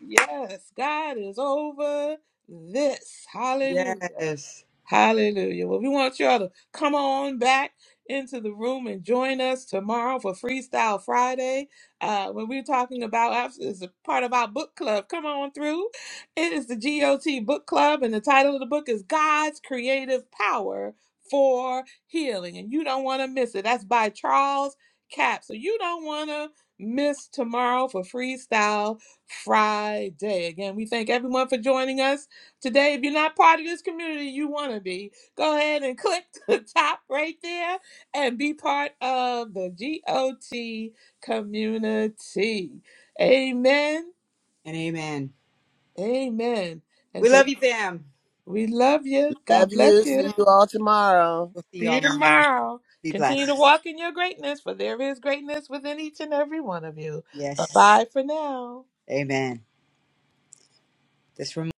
[SPEAKER 1] Yes, God is over this. Hallelujah.
[SPEAKER 2] Yes,
[SPEAKER 1] Hallelujah. Well, we want y'all to come on back into the room and join us tomorrow for Freestyle Friday. Uh, when we're talking about it's a part of our book club. Come on through. It is the GOT Book Club, and the title of the book is God's Creative Power for Healing. And you don't want to miss it. That's by Charles Cap. So you don't want to miss tomorrow for Freestyle Friday. Again, we thank everyone for joining us today. If you're not part of this community, you want to be. Go ahead and click the top right there and be part of the GOT community. Amen.
[SPEAKER 2] and amen.
[SPEAKER 1] Amen. And
[SPEAKER 2] We
[SPEAKER 1] so
[SPEAKER 2] love you, fam.
[SPEAKER 1] we love you.
[SPEAKER 15] Love
[SPEAKER 1] God bless
[SPEAKER 15] you.
[SPEAKER 1] you.
[SPEAKER 15] See you all tomorrow.
[SPEAKER 2] We'll see
[SPEAKER 1] See you
[SPEAKER 2] y'all mañana.
[SPEAKER 1] tomorrow.
[SPEAKER 2] Be
[SPEAKER 1] Continue to
[SPEAKER 2] blessed.
[SPEAKER 1] walk in your greatness, for there is greatness within each and every one of you. Bye
[SPEAKER 2] Yes.
[SPEAKER 1] bye for now.
[SPEAKER 2] Amen. This room